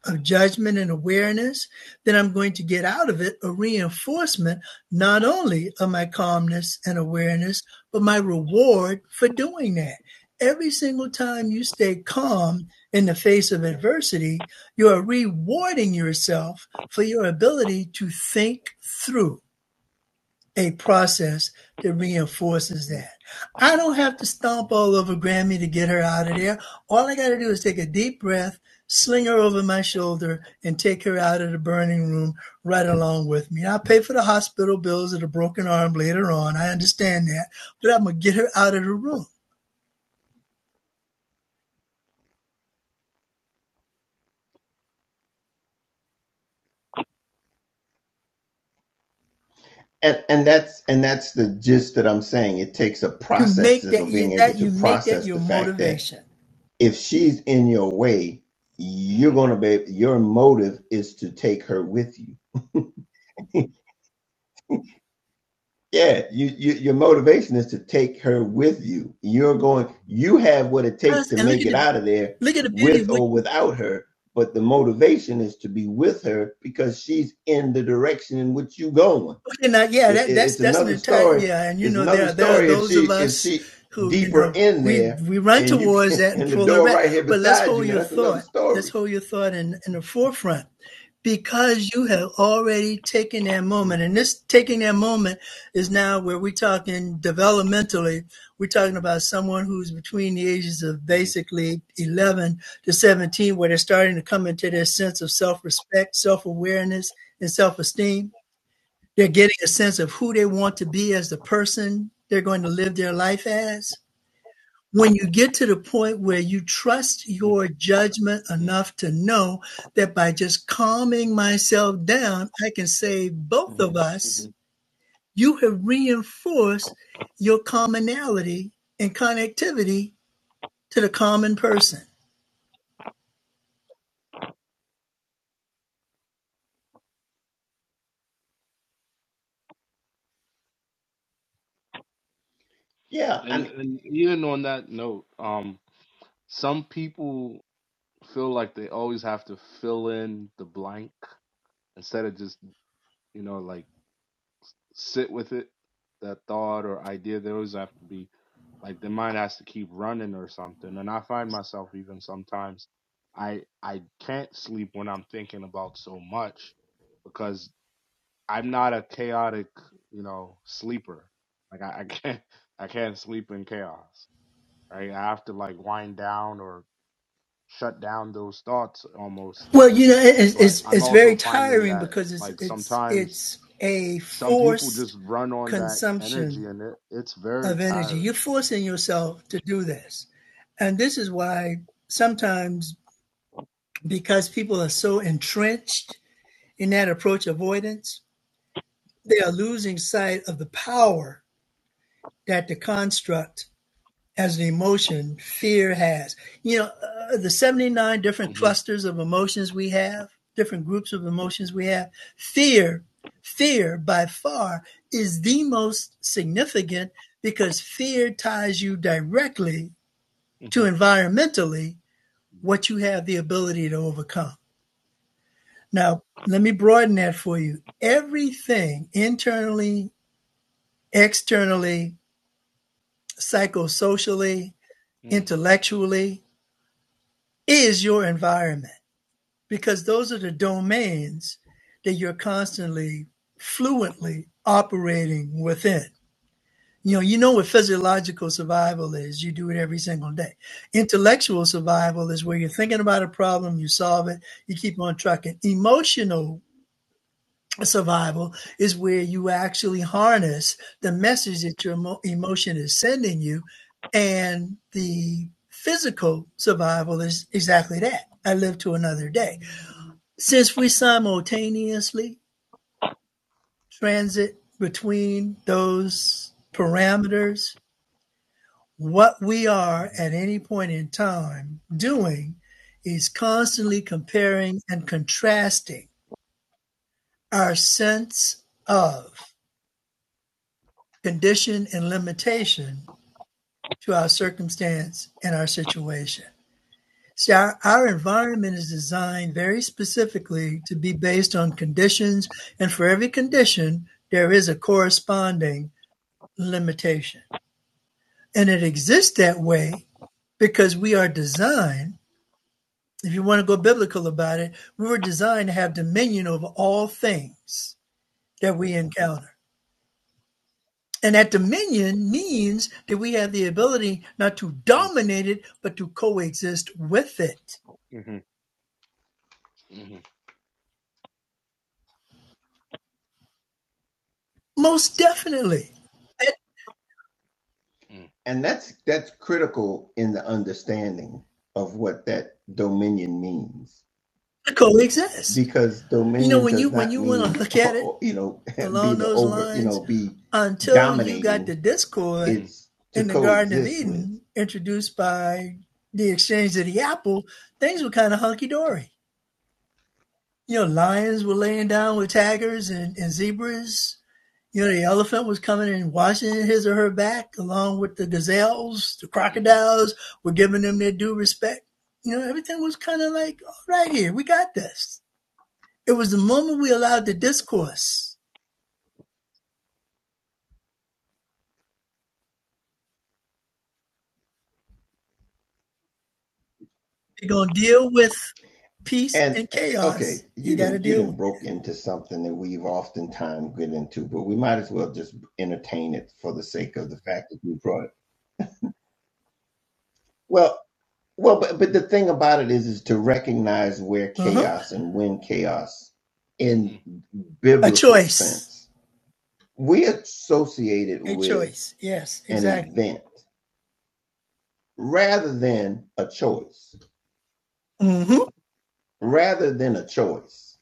[SPEAKER 3] of judgment and awareness, then I'm going to get out of it a reinforcement not only of my calmness and awareness, but my reward for doing that. Every single time you stay calm in the face of adversity, you are rewarding yourself for your ability to think through a process that reinforces that. I don't have to stomp all over Grammy to get her out of there. All I got to do is take a deep breath, sling her over my shoulder, and take her out of the burning room right along with me. I'll pay for the hospital bills of the broken arm later on. I understand that, but I'm gonna get her out of the room.
[SPEAKER 1] and and that's and that's the gist that I'm saying it takes a
[SPEAKER 3] You
[SPEAKER 1] process
[SPEAKER 3] make that
[SPEAKER 1] of
[SPEAKER 3] you,
[SPEAKER 1] being able
[SPEAKER 3] that
[SPEAKER 1] to
[SPEAKER 3] you make that
[SPEAKER 1] process the
[SPEAKER 3] your
[SPEAKER 1] fact that
[SPEAKER 3] motivation.
[SPEAKER 1] if she's in your way,
[SPEAKER 4] Mm-hmm.
[SPEAKER 1] you're
[SPEAKER 4] Mm-hmm.
[SPEAKER 1] gonna be your motive is to take her with you. Yeah, you, you your motivation is to take her with you. You're going you have what it takes to
[SPEAKER 3] And look
[SPEAKER 1] make
[SPEAKER 3] at
[SPEAKER 1] it
[SPEAKER 3] the
[SPEAKER 1] out of there
[SPEAKER 3] look at the beauty of
[SPEAKER 1] with
[SPEAKER 3] what
[SPEAKER 1] or
[SPEAKER 3] you
[SPEAKER 1] without her, but the motivation is to be with her because she's in the direction in which you are going.
[SPEAKER 3] And uh, yeah,
[SPEAKER 1] It,
[SPEAKER 3] that,
[SPEAKER 1] it-
[SPEAKER 3] that's
[SPEAKER 1] it's
[SPEAKER 3] that's an
[SPEAKER 1] another
[SPEAKER 3] entire
[SPEAKER 1] story.
[SPEAKER 3] yeah, and you
[SPEAKER 1] It's
[SPEAKER 3] know there
[SPEAKER 1] another
[SPEAKER 3] are, there are
[SPEAKER 1] story if
[SPEAKER 3] those
[SPEAKER 1] she
[SPEAKER 3] of
[SPEAKER 1] if
[SPEAKER 3] us
[SPEAKER 1] she
[SPEAKER 3] who you
[SPEAKER 1] deeper
[SPEAKER 3] know
[SPEAKER 1] in
[SPEAKER 3] we
[SPEAKER 1] there
[SPEAKER 3] we run
[SPEAKER 1] and you
[SPEAKER 3] towards
[SPEAKER 1] can
[SPEAKER 3] that and
[SPEAKER 1] and the
[SPEAKER 3] pull her
[SPEAKER 1] door
[SPEAKER 3] back.
[SPEAKER 1] right here
[SPEAKER 3] But let's
[SPEAKER 1] beside you
[SPEAKER 3] hold
[SPEAKER 1] now
[SPEAKER 3] your
[SPEAKER 1] that's another
[SPEAKER 3] thought.
[SPEAKER 1] story
[SPEAKER 3] Let's hold your thought in in the forefront because you have already taken that moment, and this taking that moment is now where we're talking developmentally. We're talking
[SPEAKER 4] Mm-hmm.
[SPEAKER 3] about someone who's between the ages of
[SPEAKER 4] Mm-hmm.
[SPEAKER 3] basically 11 to 17, where they're starting to come into their sense of self respect, self awareness, and self esteem they're getting a sense of who they want to be as the person they're going to live their life as. When you get to the point where you trust your judgment enough to know that by just calming myself down, I can save both of
[SPEAKER 1] Mhm.
[SPEAKER 4] Mm-hmm.
[SPEAKER 3] us, you have reinforced your commonality and connectivity to the common person.
[SPEAKER 1] Yeah, I
[SPEAKER 4] And
[SPEAKER 1] mean,
[SPEAKER 4] and even on that note, um, some people feel like they always have to fill in the blank instead of just you know like sit with it, that thought or idea. They always have to be like the mind has to keep running or something. And I find myself even sometimes I I can't sleep when I'm thinking about so much because I'm not a chaotic, you know, sleeper. Like I, I can't I can't sleep in chaos. Right? I have to like wind down or shut down those thoughts almost.
[SPEAKER 3] Well, you know, it's
[SPEAKER 4] But
[SPEAKER 3] it's,
[SPEAKER 4] I'm
[SPEAKER 3] it's
[SPEAKER 4] also
[SPEAKER 3] very
[SPEAKER 4] finding
[SPEAKER 3] tiring
[SPEAKER 4] that
[SPEAKER 3] because it's
[SPEAKER 4] like
[SPEAKER 3] it's
[SPEAKER 4] sometimes
[SPEAKER 3] it's a
[SPEAKER 4] some people
[SPEAKER 3] forced
[SPEAKER 4] just run on that
[SPEAKER 3] consumption
[SPEAKER 4] energy and it, it's very
[SPEAKER 3] of energy.
[SPEAKER 4] tiring.
[SPEAKER 3] You're forcing yourself to do this. And this is why sometimes, because people are so entrenched in that approach avoidance, they are losing sight of the power that the construct as an emotion fear has. You know, uh, the 79 different
[SPEAKER 4] hmm
[SPEAKER 3] clusters of emotions we have, different groups of emotions we have, fear, fear by far is the most significant because fear ties you directly to
[SPEAKER 4] hmm
[SPEAKER 3] environmentally what you have the ability to overcome. Now, let me broaden that for you. Everything internally, externally, psychosocially,
[SPEAKER 4] mm
[SPEAKER 3] intellectually is your environment because those are the domains that you're constantly fluently operating within. You know, you know what physiological survival is. You do it every single day. Intellectual survival is where you're thinking about a problem, you solve it, you keep on trucking. Emotional survival is where you actually harness the message that your emo- emotion is sending you. And the physical survival is exactly that. I live to another day. Since we simultaneously transit between those parameters, What we are
[SPEAKER 4] mhm,
[SPEAKER 3] at any point in time doing is constantly comparing and contrasting our sense of condition and limitation to our circumstance and our situation. See, our, our environment is designed very specifically to be based on conditions, and for every
[SPEAKER 4] mm,
[SPEAKER 3] condition, there is a corresponding limitation. And it exists that way because we are designed if you want to go biblical about it, we were designed to have dominion over all things that we encounter. And that dominion means that we have the ability not to dominate it, but to coexist with it.
[SPEAKER 4] mhm, mhm,
[SPEAKER 3] Most definitely.
[SPEAKER 4] mm,
[SPEAKER 1] and that's that's critical in the understanding of what that dominion means.
[SPEAKER 3] To coexist.
[SPEAKER 1] because
[SPEAKER 3] You know,
[SPEAKER 1] dominion
[SPEAKER 3] when you
[SPEAKER 1] does
[SPEAKER 3] when
[SPEAKER 1] not
[SPEAKER 3] you want
[SPEAKER 1] mean
[SPEAKER 3] to look at it
[SPEAKER 1] you know be
[SPEAKER 3] along
[SPEAKER 1] the
[SPEAKER 3] those
[SPEAKER 1] over you know
[SPEAKER 3] lines,
[SPEAKER 1] be
[SPEAKER 3] until you got
[SPEAKER 1] dominating
[SPEAKER 3] the discord
[SPEAKER 4] mhm,
[SPEAKER 1] it's to
[SPEAKER 3] in the Garden of
[SPEAKER 1] coexist with
[SPEAKER 3] Eden introduced by the exchange of the apple, things were kind of hunky dory You know, lions were laying down with tigers and, and zebras. You know, the elephant was coming and washing his or her back, along with the gazelles, the
[SPEAKER 4] mhm,
[SPEAKER 3] crocodiles were giving them their due respect. You know, everything was kind of like, all right, here, we got this. It was the moment we allowed the discourse. You're going to deal with peace
[SPEAKER 1] and
[SPEAKER 3] and
[SPEAKER 1] uh,
[SPEAKER 3] chaos.
[SPEAKER 1] okay
[SPEAKER 3] You
[SPEAKER 1] you
[SPEAKER 3] got to
[SPEAKER 1] didn't you
[SPEAKER 3] deal with
[SPEAKER 1] didn't broke into something that we've oftentimes get into but we might as well just entertain it for the sake of the fact that you brought it well well but, but the thing about it is is to recognize where
[SPEAKER 3] it. Uh-huh.
[SPEAKER 1] chaos and when chaos in
[SPEAKER 4] mm.
[SPEAKER 3] A
[SPEAKER 1] biblical
[SPEAKER 3] choice.
[SPEAKER 1] sense we associate it
[SPEAKER 3] A
[SPEAKER 1] with
[SPEAKER 3] choice. Yes,
[SPEAKER 1] an
[SPEAKER 3] exactly.
[SPEAKER 1] event rather than a choice,
[SPEAKER 3] Mm-hmm.
[SPEAKER 1] rather than a choice.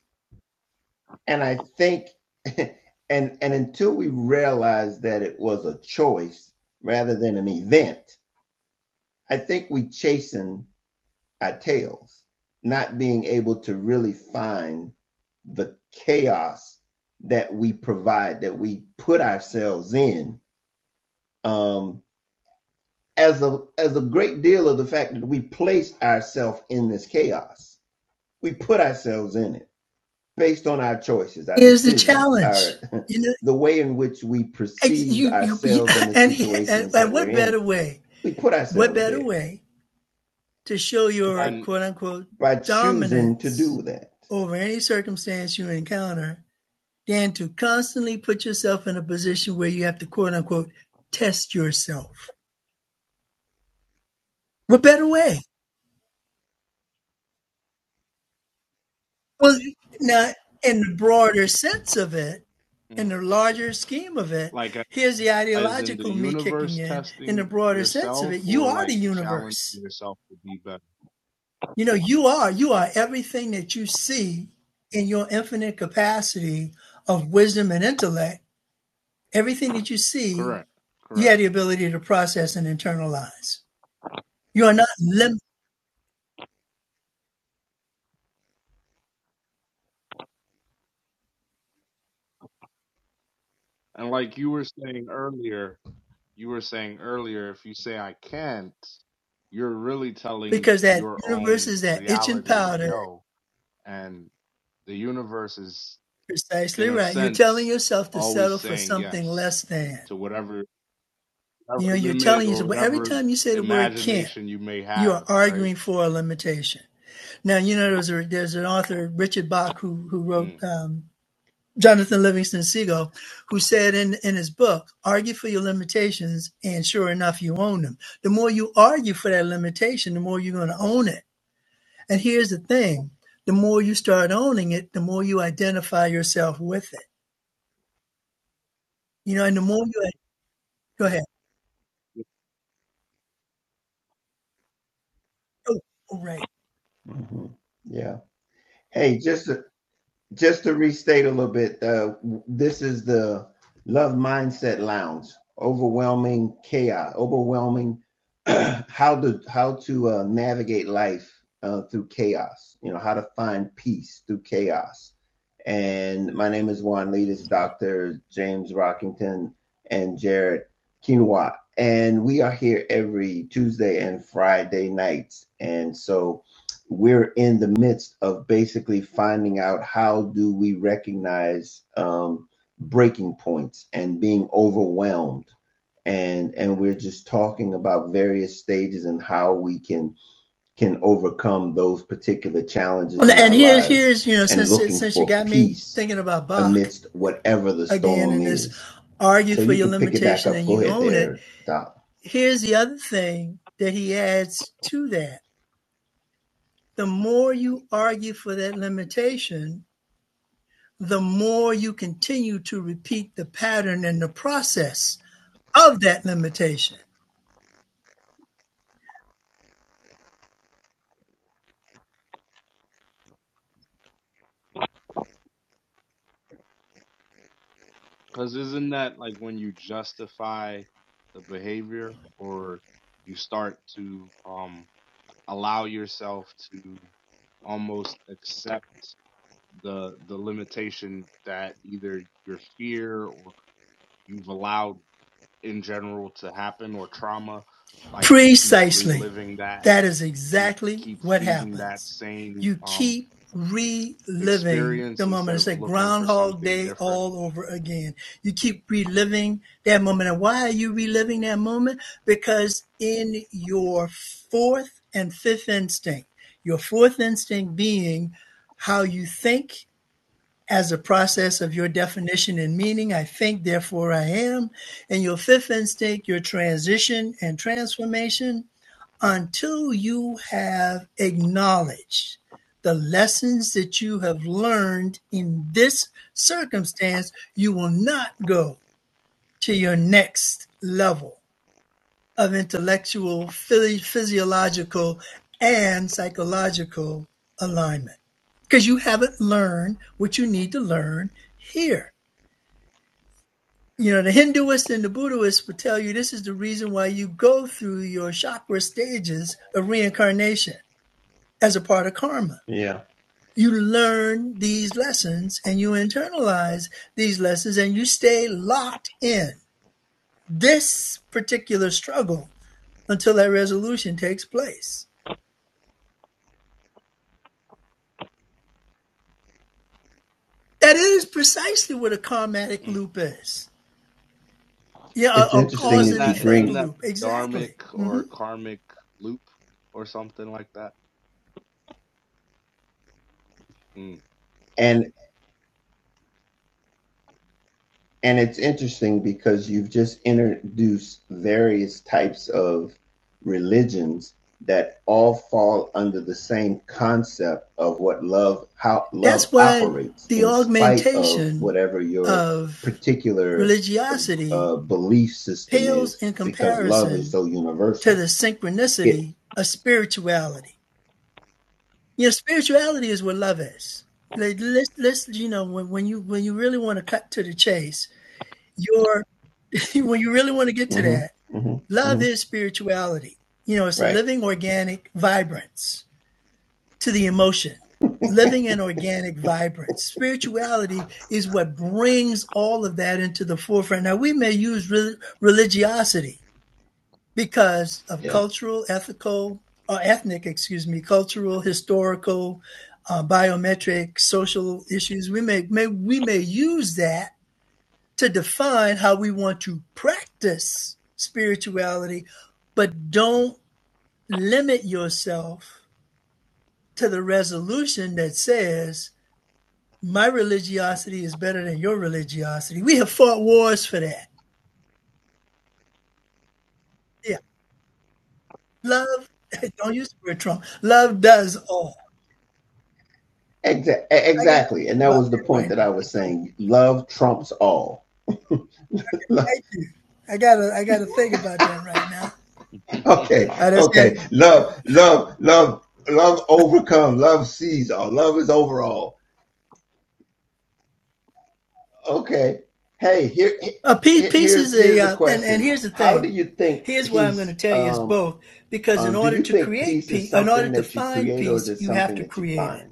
[SPEAKER 1] And I think, and and until we realize that it was a choice rather than an event, I think we chasing our tails, not being able to really find the chaos that we provide, that we put ourselves in. Um, as a as a great deal of the fact that we place ourselves in this chaos, we put ourselves in it based on our choices, our
[SPEAKER 3] Here's the
[SPEAKER 1] decisions,
[SPEAKER 3] challenge.
[SPEAKER 1] our
[SPEAKER 3] You know,
[SPEAKER 1] the way in which we perceive
[SPEAKER 3] you you you-
[SPEAKER 1] ourselves and the
[SPEAKER 3] and, he- and
[SPEAKER 1] situations
[SPEAKER 3] and
[SPEAKER 1] that we're
[SPEAKER 3] what
[SPEAKER 1] in,
[SPEAKER 3] better way
[SPEAKER 1] we put
[SPEAKER 3] what
[SPEAKER 1] ourselves
[SPEAKER 3] better
[SPEAKER 1] there
[SPEAKER 3] way to show your
[SPEAKER 1] by
[SPEAKER 4] And
[SPEAKER 3] quote unquote
[SPEAKER 1] by choosing to
[SPEAKER 3] dominance
[SPEAKER 1] do that.
[SPEAKER 3] over any circumstance you encounter than to constantly put yourself in a position where you have to quote unquote test yourself what better way well now in the broader sense of it in
[SPEAKER 4] mm,
[SPEAKER 3] the larger scheme of it
[SPEAKER 4] like a-
[SPEAKER 3] here's the
[SPEAKER 4] as in the
[SPEAKER 3] ideological me kicking
[SPEAKER 4] universe
[SPEAKER 3] in in the
[SPEAKER 4] testing
[SPEAKER 3] broader sense of
[SPEAKER 4] yourself
[SPEAKER 3] it you
[SPEAKER 4] or
[SPEAKER 3] are the
[SPEAKER 4] like challenging
[SPEAKER 3] universe
[SPEAKER 4] yourself to be better.
[SPEAKER 3] You know, you are. You are
[SPEAKER 4] Mm,
[SPEAKER 3] everything that you see
[SPEAKER 4] mm.
[SPEAKER 3] in your infinite capacity of wisdom and intellect. Everything that you see,
[SPEAKER 4] Correct.
[SPEAKER 3] you have
[SPEAKER 4] Correct.
[SPEAKER 3] the ability to process and internalize. You are not limited
[SPEAKER 4] And like you were saying earlier, you were saying earlier, if you say I can't, you're really telling
[SPEAKER 3] because that
[SPEAKER 4] your
[SPEAKER 3] universe
[SPEAKER 4] own
[SPEAKER 3] is that itching
[SPEAKER 4] reality
[SPEAKER 3] powder.
[SPEAKER 4] no and the universe is
[SPEAKER 3] Precisely
[SPEAKER 4] in a
[SPEAKER 3] right. You're telling
[SPEAKER 4] sense
[SPEAKER 3] yourself to
[SPEAKER 4] always
[SPEAKER 3] settle for
[SPEAKER 4] saying
[SPEAKER 3] something
[SPEAKER 4] yes
[SPEAKER 3] less than.
[SPEAKER 4] to whatever whatever
[SPEAKER 3] You know, you're
[SPEAKER 4] limit
[SPEAKER 3] telling
[SPEAKER 4] or
[SPEAKER 3] yourself, well, every
[SPEAKER 4] whatever
[SPEAKER 3] time you say the word can't,
[SPEAKER 4] imagination you may
[SPEAKER 3] you are
[SPEAKER 4] have right
[SPEAKER 3] arguing for a limitation. Now, you know, there's, a, there's an author, Richard Bach, who, who wrote
[SPEAKER 4] mm
[SPEAKER 3] um, Jonathan Livingston Seagull, who said in, in his book, argue for your limitations, and sure enough, you own them. The more you argue for that limitation, the more you're going to own it. And here's the thing the more you start owning it, the more you identify yourself with it. You know, and the more you go ahead. Oh, oh, right.
[SPEAKER 1] Mhm. Yeah. Hey, just just to restate a little bit, uh, this is the Love Mindset Lounge. Overwhelming chaos, overwhelming. how to how to uh, navigate life uh, through chaos. You know how to find peace through chaos.
[SPEAKER 4] mm.
[SPEAKER 1] And my name is Juan Lee. This is Dr. James Rockington and Jared Quinoa. And we are here every Tuesday and Friday nights. And so we're in the midst of basically finding out how do we recognize um, breaking points and being overwhelmed and and we're just talking about various stages and how we can can overcome those particular challenges
[SPEAKER 3] And
[SPEAKER 1] in
[SPEAKER 3] and
[SPEAKER 1] our
[SPEAKER 3] here's,
[SPEAKER 1] lives
[SPEAKER 3] here's you know,
[SPEAKER 1] and
[SPEAKER 3] since,
[SPEAKER 1] looking
[SPEAKER 3] since you
[SPEAKER 1] for
[SPEAKER 3] got me
[SPEAKER 1] peace
[SPEAKER 3] thinking about Bach
[SPEAKER 1] amidst whatever the
[SPEAKER 3] again
[SPEAKER 1] storm
[SPEAKER 3] and this
[SPEAKER 1] is
[SPEAKER 3] argue
[SPEAKER 1] so
[SPEAKER 3] for
[SPEAKER 1] you
[SPEAKER 3] your
[SPEAKER 1] can pick it back
[SPEAKER 3] limitation
[SPEAKER 1] up
[SPEAKER 3] and
[SPEAKER 1] go
[SPEAKER 3] you
[SPEAKER 1] ahead
[SPEAKER 3] own it,
[SPEAKER 1] there doc
[SPEAKER 3] here's the other thing that he adds to that the more you argue for that limitation, the more you continue to repeat the pattern and the process of that limitation.
[SPEAKER 4] cuz isn't that like when you justify the behavior or you start to um allow yourself to almost accept the the limitation that either your fear or you've allowed in general to happen or trauma like you keep
[SPEAKER 3] Precisely.
[SPEAKER 4] reliving that
[SPEAKER 3] That is
[SPEAKER 4] keep
[SPEAKER 3] exactly
[SPEAKER 4] keep
[SPEAKER 3] what
[SPEAKER 4] feeding that
[SPEAKER 3] happens.
[SPEAKER 4] same
[SPEAKER 3] You
[SPEAKER 4] um
[SPEAKER 3] keep reliving the
[SPEAKER 4] experience
[SPEAKER 3] moment.
[SPEAKER 4] instead
[SPEAKER 3] It's
[SPEAKER 4] of
[SPEAKER 3] like
[SPEAKER 4] looking for
[SPEAKER 3] Groundhog
[SPEAKER 4] something
[SPEAKER 3] Day
[SPEAKER 4] different
[SPEAKER 3] all over again. You keep reliving that moment. And why are you reliving that moment? Because in your fourth and fifth instinct, your fourth instinct being how you think as a process of your definition and meaning. I think, therefore, I am. And your fifth instinct, your transition and transformation, until you have acknowledged the lessons that you have learned in this circumstance, you will not go to your next level of intellectual, physiological, and psychological alignment. Because you haven't learned what you need to learn here. You know, the Hinduists and the Buddhists would tell you this is the reason why you go through your chakra stages of reincarnation as a part of karma.
[SPEAKER 1] yeah
[SPEAKER 3] You learn these lessons and you internalize these lessons and you stay locked in this particular struggle until that resolution takes place. That is precisely what a karmatic
[SPEAKER 4] Mm.
[SPEAKER 3] loop is. Yeah, a,
[SPEAKER 1] it's
[SPEAKER 3] a
[SPEAKER 1] interesting
[SPEAKER 3] cause
[SPEAKER 4] isn't
[SPEAKER 3] and
[SPEAKER 1] that you
[SPEAKER 4] that
[SPEAKER 3] effect
[SPEAKER 4] isn't
[SPEAKER 1] bring
[SPEAKER 4] that
[SPEAKER 3] loop.
[SPEAKER 4] dharmic
[SPEAKER 3] Exactly. hmm
[SPEAKER 4] or karmic loop or something like that mm,
[SPEAKER 1] and. And it's interesting because you've just introduced various types of religions that all fall under the same concept of what love how
[SPEAKER 3] That's
[SPEAKER 1] love
[SPEAKER 3] why
[SPEAKER 1] operates
[SPEAKER 3] the
[SPEAKER 1] in spite of
[SPEAKER 3] augmentation
[SPEAKER 1] whatever your
[SPEAKER 3] of
[SPEAKER 1] particular uh,
[SPEAKER 3] religiosity
[SPEAKER 1] uh, belief system
[SPEAKER 3] pales
[SPEAKER 1] is
[SPEAKER 3] in
[SPEAKER 1] because love is
[SPEAKER 3] comparison
[SPEAKER 1] so
[SPEAKER 3] to the
[SPEAKER 1] universal it
[SPEAKER 3] synchronicity of spirituality. You know, spirituality is what love is. Like, let's, let's, you know, when, when you when you really want to cut to the chase, your when you really want to get to
[SPEAKER 1] mm-hmm,
[SPEAKER 3] that,
[SPEAKER 1] mm-hmm,
[SPEAKER 3] Love
[SPEAKER 1] mm-hmm,
[SPEAKER 3] is spirituality. You know, it's a
[SPEAKER 1] right
[SPEAKER 3] living organic vibrance to the emotion, living and organic vibrance. Spirituality is what brings all of that into the forefront. Now, we may use re- religiosity because of
[SPEAKER 1] yeah
[SPEAKER 4] mm,
[SPEAKER 3] cultural, ethical, or ethnic, excuse me, cultural, historical, uh, biometric, social issues. We may, may we may use that to define how we want to practice spirituality, but don't limit yourself to the resolution that says, my religiosity is better than your religiosity. We have fought wars for that. Yeah. Love, don't use the word Trump. Love does all.
[SPEAKER 1] Exa- e-,
[SPEAKER 3] I gotta
[SPEAKER 1] exactly and
[SPEAKER 3] think
[SPEAKER 1] that
[SPEAKER 3] about
[SPEAKER 1] was the
[SPEAKER 3] that right
[SPEAKER 1] point that i was saying love trumps all
[SPEAKER 3] now. Thank you. I gotta I gotta think about that right now.
[SPEAKER 4] mm,
[SPEAKER 1] Okay,
[SPEAKER 3] I just said
[SPEAKER 1] okay. Love, love, love, love overcome. Love sees all. Love is overall. Okay. Hey, here, he-
[SPEAKER 3] a piece, piece
[SPEAKER 1] here's
[SPEAKER 3] is a
[SPEAKER 1] here's the
[SPEAKER 3] uh, and, and
[SPEAKER 1] question.
[SPEAKER 3] here's the
[SPEAKER 1] How do
[SPEAKER 3] thing.
[SPEAKER 1] you think
[SPEAKER 3] Here's why I'm gonna
[SPEAKER 1] peace?
[SPEAKER 3] tell you it's
[SPEAKER 1] Um,
[SPEAKER 3] both, because in
[SPEAKER 1] um, do
[SPEAKER 3] order
[SPEAKER 1] you
[SPEAKER 3] to
[SPEAKER 1] think
[SPEAKER 3] create
[SPEAKER 1] peace is
[SPEAKER 3] peace in order
[SPEAKER 1] something
[SPEAKER 3] to
[SPEAKER 1] that you
[SPEAKER 3] find
[SPEAKER 1] create, or is
[SPEAKER 3] peace,
[SPEAKER 1] it
[SPEAKER 3] you have
[SPEAKER 1] something
[SPEAKER 3] to
[SPEAKER 1] that you
[SPEAKER 3] create it.
[SPEAKER 1] find?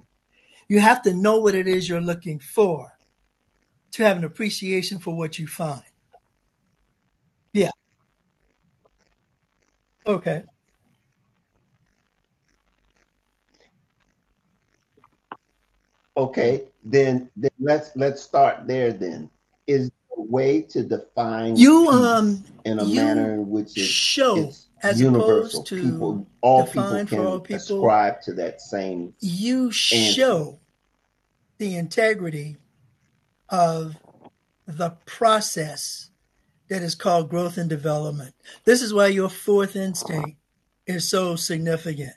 [SPEAKER 3] You have to know what it is you're looking for to have an appreciation for what you find. Yeah. Okay.
[SPEAKER 4] mm,
[SPEAKER 1] Okay, then, then let's let's start there then. Is there a way to define
[SPEAKER 3] You um
[SPEAKER 1] peace in a manner
[SPEAKER 3] you
[SPEAKER 1] in which it's
[SPEAKER 3] show
[SPEAKER 1] it's
[SPEAKER 3] as opposed
[SPEAKER 1] universal.
[SPEAKER 3] to
[SPEAKER 1] People all people
[SPEAKER 3] define for all
[SPEAKER 1] can
[SPEAKER 3] people,
[SPEAKER 1] ascribe to that same
[SPEAKER 3] you
[SPEAKER 1] answer.
[SPEAKER 3] show the integrity of the process that is called growth and development. This is why your fourth instinct is so significant.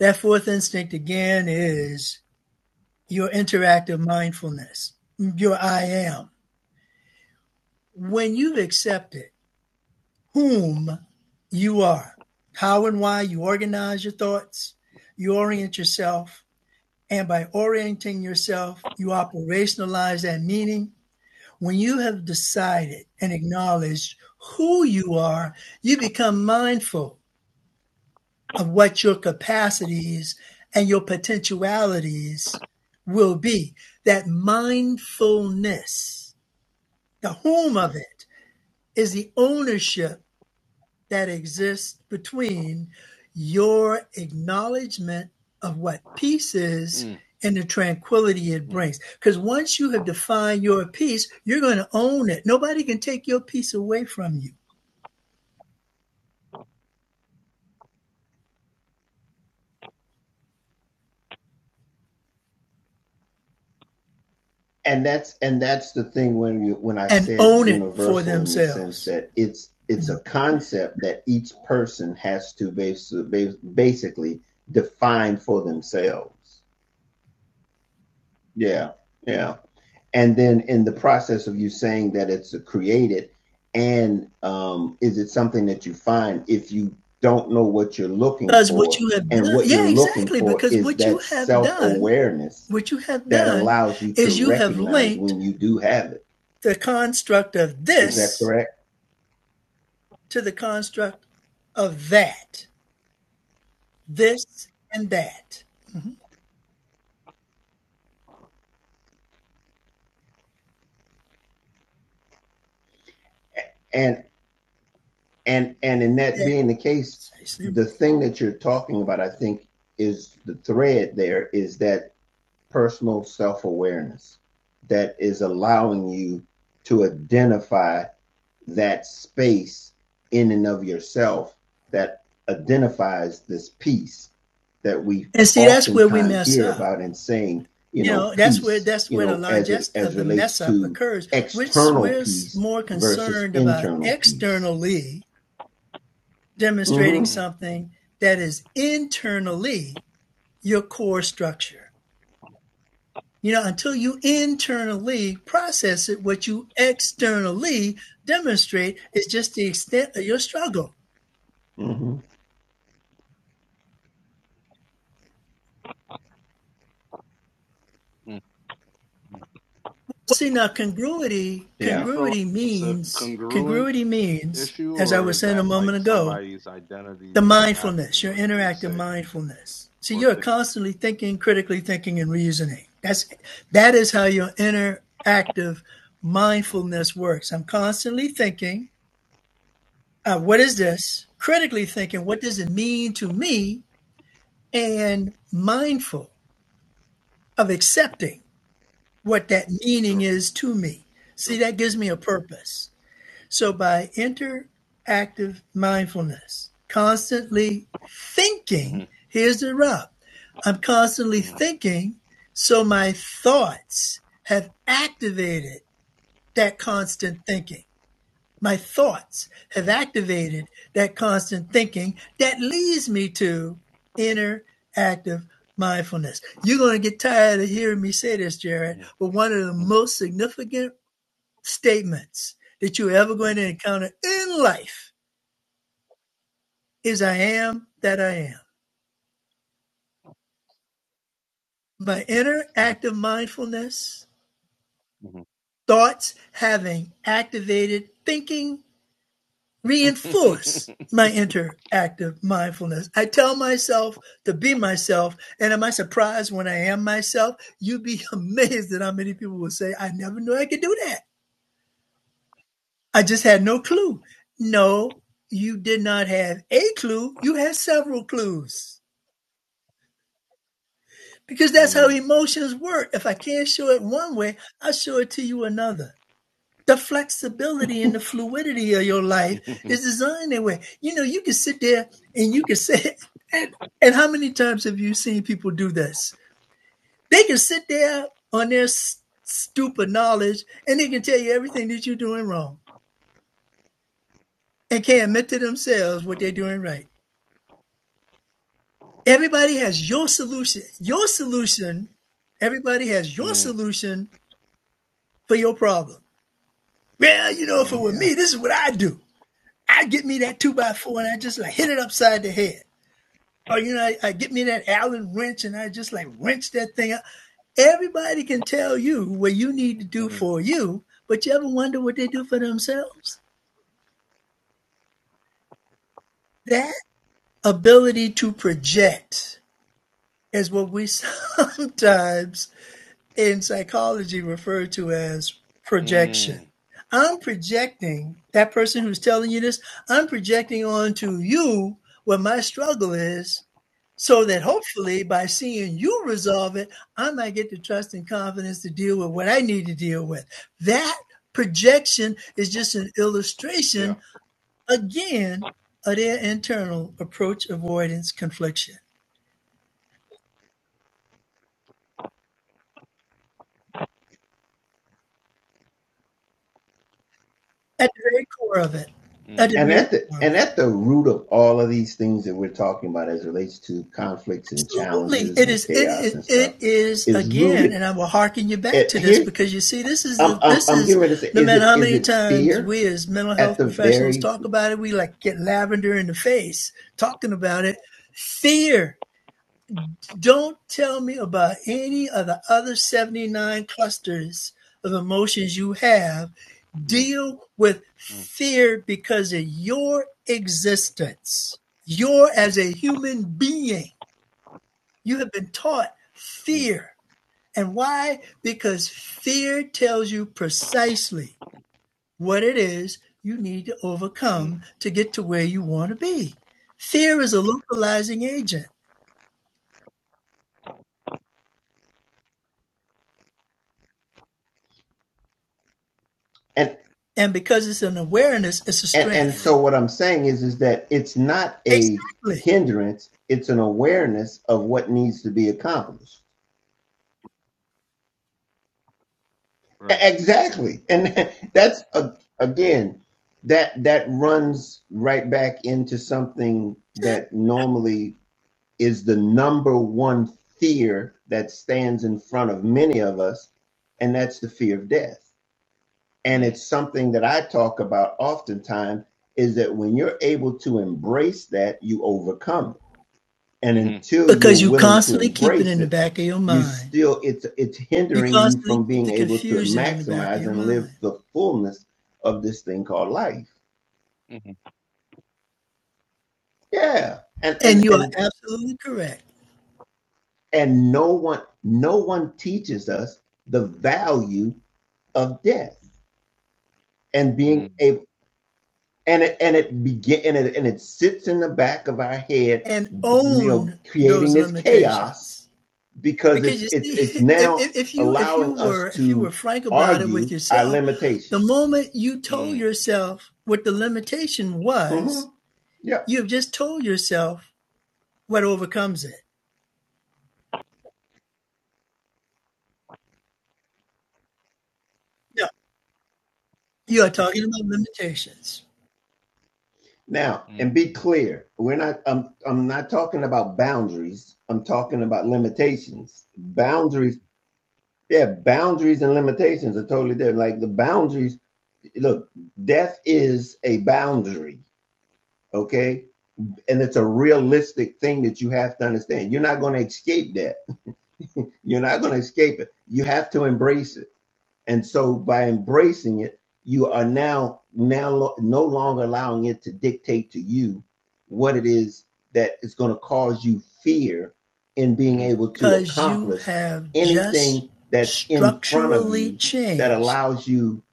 [SPEAKER 3] That fourth instinct again is your interactive mindfulness, your I am. When you've accepted whom you are, how and why you organize your thoughts, you orient yourself, and by orienting yourself, you operationalize that meaning. When you have decided and acknowledged who you are, you become mindful of what your capacities and your potentialities will be. That mindfulness the home of it is the ownership that exists between your acknowledgement of what peace is
[SPEAKER 4] mm,
[SPEAKER 3] and the tranquility it
[SPEAKER 4] mm,
[SPEAKER 3] brings. Because once you have defined your peace, you're going to own it. Nobody can take your peace away from you
[SPEAKER 1] And that's and that's the thing when you when I
[SPEAKER 3] and
[SPEAKER 1] said
[SPEAKER 3] own it for
[SPEAKER 1] universal in the sense
[SPEAKER 3] themselves.
[SPEAKER 1] that it's
[SPEAKER 3] You
[SPEAKER 1] it's
[SPEAKER 3] know?
[SPEAKER 1] a concept that each person has to bas- basically define for themselves. Yeah. Yeah. And then in the process of you saying that it's created, and um, is it something that you find if you don't know what you're looking
[SPEAKER 3] Because what
[SPEAKER 1] for?
[SPEAKER 3] you have
[SPEAKER 1] And
[SPEAKER 3] done,
[SPEAKER 1] what you're
[SPEAKER 3] yeah,
[SPEAKER 1] looking
[SPEAKER 3] exactly.
[SPEAKER 1] for
[SPEAKER 3] Because
[SPEAKER 1] is
[SPEAKER 3] what you
[SPEAKER 1] that
[SPEAKER 3] have
[SPEAKER 1] self
[SPEAKER 3] done,
[SPEAKER 1] awareness
[SPEAKER 3] what you have
[SPEAKER 1] that
[SPEAKER 3] done
[SPEAKER 1] allows you to
[SPEAKER 3] is you have
[SPEAKER 1] recognize
[SPEAKER 3] linked
[SPEAKER 1] when you do have it.
[SPEAKER 3] the construct of
[SPEAKER 1] Is
[SPEAKER 4] mm,
[SPEAKER 1] that
[SPEAKER 3] this
[SPEAKER 1] correct?
[SPEAKER 3] to the construct of that, this, and that.
[SPEAKER 1] And and and in that
[SPEAKER 3] Yeah,
[SPEAKER 1] being the case, the thing that you're talking about, I think, is the thread there is that personal self awareness that is allowing you to identify that space in and of yourself that identifies this peace that we
[SPEAKER 3] And see, that's where we
[SPEAKER 1] oftentimes
[SPEAKER 3] mess
[SPEAKER 1] hear
[SPEAKER 3] up.
[SPEAKER 1] about and saying, you
[SPEAKER 3] You
[SPEAKER 1] know,
[SPEAKER 3] know, that's where
[SPEAKER 1] peace,
[SPEAKER 3] that's
[SPEAKER 1] you
[SPEAKER 3] where the
[SPEAKER 1] know, as it
[SPEAKER 3] largest of
[SPEAKER 1] as
[SPEAKER 3] the
[SPEAKER 1] relates
[SPEAKER 3] mess up
[SPEAKER 1] to
[SPEAKER 3] occurs. We're,
[SPEAKER 1] external
[SPEAKER 3] we're
[SPEAKER 1] peace
[SPEAKER 3] more
[SPEAKER 1] versus
[SPEAKER 3] concerned about
[SPEAKER 1] internal peace.
[SPEAKER 3] externally demonstrating
[SPEAKER 1] Mm-hmm.
[SPEAKER 4] mm,
[SPEAKER 3] something that is internally your core structure. You know, until you internally process it, what you externally demonstrate is just the extent of your struggle
[SPEAKER 1] Mm-hmm.
[SPEAKER 4] mm.
[SPEAKER 3] Well, see now congruity
[SPEAKER 4] do you
[SPEAKER 1] Yeah.
[SPEAKER 4] feel like
[SPEAKER 3] congruity
[SPEAKER 4] it's a
[SPEAKER 3] means
[SPEAKER 4] congruent
[SPEAKER 3] congruity means,
[SPEAKER 4] issue
[SPEAKER 3] as I
[SPEAKER 4] or
[SPEAKER 3] was
[SPEAKER 4] is
[SPEAKER 3] saying a
[SPEAKER 4] that
[SPEAKER 3] moment
[SPEAKER 4] like
[SPEAKER 3] ago,
[SPEAKER 4] somebody's identity
[SPEAKER 3] the mindfulness,
[SPEAKER 4] mismatching
[SPEAKER 3] your
[SPEAKER 4] what they
[SPEAKER 3] interactive
[SPEAKER 4] say
[SPEAKER 3] mindfulness. So
[SPEAKER 4] or
[SPEAKER 3] you're
[SPEAKER 4] think?
[SPEAKER 3] constantly thinking, critically thinking, and reasoning. That's that is how your interactive
[SPEAKER 4] Mm,
[SPEAKER 3] mindfulness works. I'm constantly thinking, uh, what is this? Critically thinking, what does it mean to me? And mindful of accepting what that meaning
[SPEAKER 4] sure.
[SPEAKER 3] is to me. See,
[SPEAKER 4] True.
[SPEAKER 3] that gives me a purpose. So by interactive mindfulness, constantly
[SPEAKER 4] Mhm.
[SPEAKER 3] thinking, here's the rub. I'm constantly
[SPEAKER 4] Mhm.
[SPEAKER 3] thinking, so my thoughts have activated that constant thinking. My thoughts have activated that constant thinking that leads me to interactive mindfulness. You're going to get tired of hearing me say this, Jared,
[SPEAKER 4] Mhm.
[SPEAKER 3] but one of the
[SPEAKER 4] Mhm.
[SPEAKER 3] most significant statements that you're ever going to encounter in life is I am that I am. My inner
[SPEAKER 4] Mhm.
[SPEAKER 3] active mindfulness,
[SPEAKER 4] Mhm.
[SPEAKER 3] thoughts having activated thinking, reinforce my interactive mindfulness. I tell myself to be myself. And am I surprised when I am myself? You'd be amazed at how many people will say, I never knew I could do that. I just had no clue. No, you did not have a clue. You had several clues. Because that's how
[SPEAKER 4] Mm.
[SPEAKER 3] emotions work. If I can't show it one way, I'll show it to you another. The flexibility and the fluidity of your life is designed that way. You know, you can sit there and you can say, and, and how many times have you seen people do this? They can sit there on their s- stupid knowledge and they can tell you everything that you're doing wrong and can't admit to themselves what they're doing right. Everybody has your solution. Your solution, everybody has your
[SPEAKER 4] Mm.
[SPEAKER 3] solution for your problem Well, you know, if it
[SPEAKER 4] Mm.
[SPEAKER 3] were
[SPEAKER 1] Yeah.
[SPEAKER 3] me, this is what I do. I get me that two by four and I just like hit it upside the head. Or you know, I, I get me that Allen wrench and I just like wrench that thing up. Everybody can tell you what you need to do
[SPEAKER 4] Mm.
[SPEAKER 3] for you, but you ever wonder what they do for themselves? That ability to project is what we sometimes in psychology referred to as projection.
[SPEAKER 4] Mm.
[SPEAKER 3] I'm projecting that person who's telling you this, I'm projecting onto you what my struggle is, so that hopefully by seeing you resolve it, I might get the trust and confidence to deal with what I need to deal with. That projection is just an
[SPEAKER 4] Yeah.
[SPEAKER 3] illustration, again, of their internal approach avoidance confliction at the very core of it. At the
[SPEAKER 4] Mm.
[SPEAKER 1] And
[SPEAKER 3] very
[SPEAKER 1] at the
[SPEAKER 3] core of
[SPEAKER 1] and
[SPEAKER 3] it.
[SPEAKER 1] at the root of all of these things that we're talking about as it relates to conflicts and
[SPEAKER 3] Absolutely.
[SPEAKER 1] challenges
[SPEAKER 3] It
[SPEAKER 1] and
[SPEAKER 3] is it,
[SPEAKER 1] chaos
[SPEAKER 3] is,
[SPEAKER 1] and stuff
[SPEAKER 3] it is
[SPEAKER 1] is
[SPEAKER 4] Mhm.
[SPEAKER 3] again,
[SPEAKER 1] rooted
[SPEAKER 3] and I will hearken you back
[SPEAKER 1] at
[SPEAKER 3] to this
[SPEAKER 1] here
[SPEAKER 3] because you see this is the
[SPEAKER 1] I'm I'm
[SPEAKER 3] this
[SPEAKER 1] I'm
[SPEAKER 3] is
[SPEAKER 1] getting ready to say
[SPEAKER 3] no
[SPEAKER 1] is
[SPEAKER 3] matter
[SPEAKER 1] it
[SPEAKER 3] how
[SPEAKER 1] is
[SPEAKER 3] many
[SPEAKER 1] it
[SPEAKER 3] times
[SPEAKER 1] fear
[SPEAKER 3] we as mental
[SPEAKER 1] at
[SPEAKER 3] health
[SPEAKER 1] the
[SPEAKER 3] professionals
[SPEAKER 1] very
[SPEAKER 3] talk about it, we like get lavender in the face talking about it. Fear. Don't tell me about any of the other 79 clusters of emotions you have.
[SPEAKER 4] Mm.
[SPEAKER 3] Deal with
[SPEAKER 4] Mm.
[SPEAKER 3] fear because of your existence. You're as a human being you have been taught
[SPEAKER 4] Mm.
[SPEAKER 3] fear. And why? Because fear tells you precisely what it is you need to
[SPEAKER 4] Mm.
[SPEAKER 3] overcome to get to where you want to be. Fear is a localizing agent.
[SPEAKER 1] and
[SPEAKER 3] And because it's an awareness, it's a
[SPEAKER 1] and and
[SPEAKER 3] strength.
[SPEAKER 4] Mm.
[SPEAKER 1] so what I'm saying is is that it's not a
[SPEAKER 3] Exactly.
[SPEAKER 1] hindrance, it's an awareness of what needs to be accomplished. E-
[SPEAKER 4] Right.
[SPEAKER 1] Exactly. And that's a, again that that runs right back into something that normally is the number one fear that stands in front of many of us, and that's the fear of death. And
[SPEAKER 4] Mm.
[SPEAKER 1] it's something that I talk about oftentimes is that when you're able to embrace that, you overcome it. And
[SPEAKER 4] Mhm.
[SPEAKER 1] until you're
[SPEAKER 3] Because you
[SPEAKER 1] willing to
[SPEAKER 3] constantly keep it
[SPEAKER 1] embrace
[SPEAKER 3] in the
[SPEAKER 1] it,
[SPEAKER 3] back of your
[SPEAKER 1] you
[SPEAKER 3] mind.
[SPEAKER 1] still it's it's
[SPEAKER 3] You
[SPEAKER 1] hindering you
[SPEAKER 3] constantly
[SPEAKER 1] from
[SPEAKER 3] keep
[SPEAKER 1] being
[SPEAKER 3] the
[SPEAKER 1] able to
[SPEAKER 3] confusion in the back of
[SPEAKER 1] maximize
[SPEAKER 3] your
[SPEAKER 1] and live
[SPEAKER 3] mind.
[SPEAKER 1] the fullness of this thing called life.
[SPEAKER 4] Mhm.
[SPEAKER 1] Yeah. And
[SPEAKER 3] And
[SPEAKER 1] and
[SPEAKER 3] you are
[SPEAKER 1] and
[SPEAKER 3] absolutely correct.
[SPEAKER 1] and no one no one teaches us the value of death and being
[SPEAKER 4] Mm.
[SPEAKER 1] able and it and it begin and it, and it sits in the back of our head
[SPEAKER 3] And
[SPEAKER 1] you know
[SPEAKER 3] own
[SPEAKER 1] creating
[SPEAKER 3] those
[SPEAKER 1] this chaos
[SPEAKER 3] limitations
[SPEAKER 1] because
[SPEAKER 3] Because
[SPEAKER 1] it's
[SPEAKER 3] you
[SPEAKER 1] it's it's
[SPEAKER 3] see, if,
[SPEAKER 1] now
[SPEAKER 3] if, if you if
[SPEAKER 1] allowing
[SPEAKER 3] you
[SPEAKER 1] us
[SPEAKER 3] were if you were
[SPEAKER 1] to
[SPEAKER 3] frank about it with
[SPEAKER 1] argue our
[SPEAKER 3] yourself, the
[SPEAKER 1] limitations
[SPEAKER 3] moment you told
[SPEAKER 4] Hmm.
[SPEAKER 3] yourself what the limitation
[SPEAKER 1] hmm
[SPEAKER 3] was,
[SPEAKER 1] yep
[SPEAKER 3] you have just told yourself what overcomes it. No, you are talking about limitations
[SPEAKER 1] now and be
[SPEAKER 4] Mm.
[SPEAKER 1] clear we're not I'm, I'm not talking about boundaries i'm talking about limitations boundaries yeah boundaries and limitations are totally different like the boundaries look death is a boundary Okay. And it's a realistic thing that you have to understand. You're not going to escape that. You're not going to escape it. You have to embrace it. And so by embracing it, you are now now no longer allowing it to dictate to you what it is that is going to cause you fear in being
[SPEAKER 4] Mhm.
[SPEAKER 1] able to
[SPEAKER 3] because you
[SPEAKER 1] accomplish
[SPEAKER 3] have just
[SPEAKER 1] anything that's in front of
[SPEAKER 3] structurally
[SPEAKER 1] you that
[SPEAKER 3] changed
[SPEAKER 1] allows you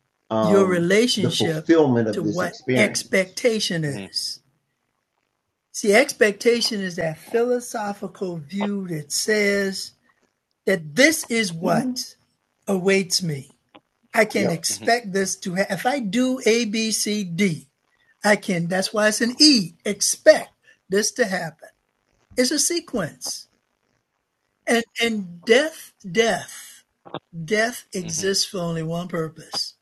[SPEAKER 3] your
[SPEAKER 1] um, the
[SPEAKER 3] relationship
[SPEAKER 1] fulfillment of
[SPEAKER 3] to
[SPEAKER 1] this
[SPEAKER 3] what
[SPEAKER 1] experience.
[SPEAKER 3] expectation
[SPEAKER 4] Mhm.
[SPEAKER 3] is. See, expectation is that philosophical view that says that this is what awaits me. I can
[SPEAKER 1] Yep.
[SPEAKER 4] Mhm.
[SPEAKER 3] expect this to happen. If I do A, B, C, D, I can, that's why it's an E, expect this to happen. It's a sequence. And, and death, death, death
[SPEAKER 4] Mhm.
[SPEAKER 3] exists for only one purpose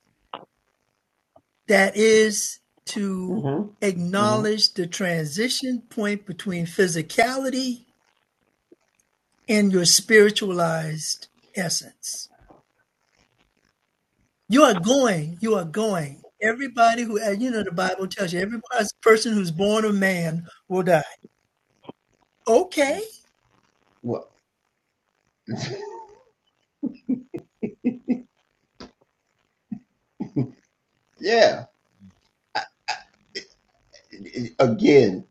[SPEAKER 3] that is to
[SPEAKER 1] hmm hmm
[SPEAKER 3] acknowledge the transition point between physicality and your spiritualized essence. You are going. You are going. Everybody who, and you know, the Bible tells you every person who's born of man will die. Okay,
[SPEAKER 4] Mm. Mhm.
[SPEAKER 1] Yeah. Again,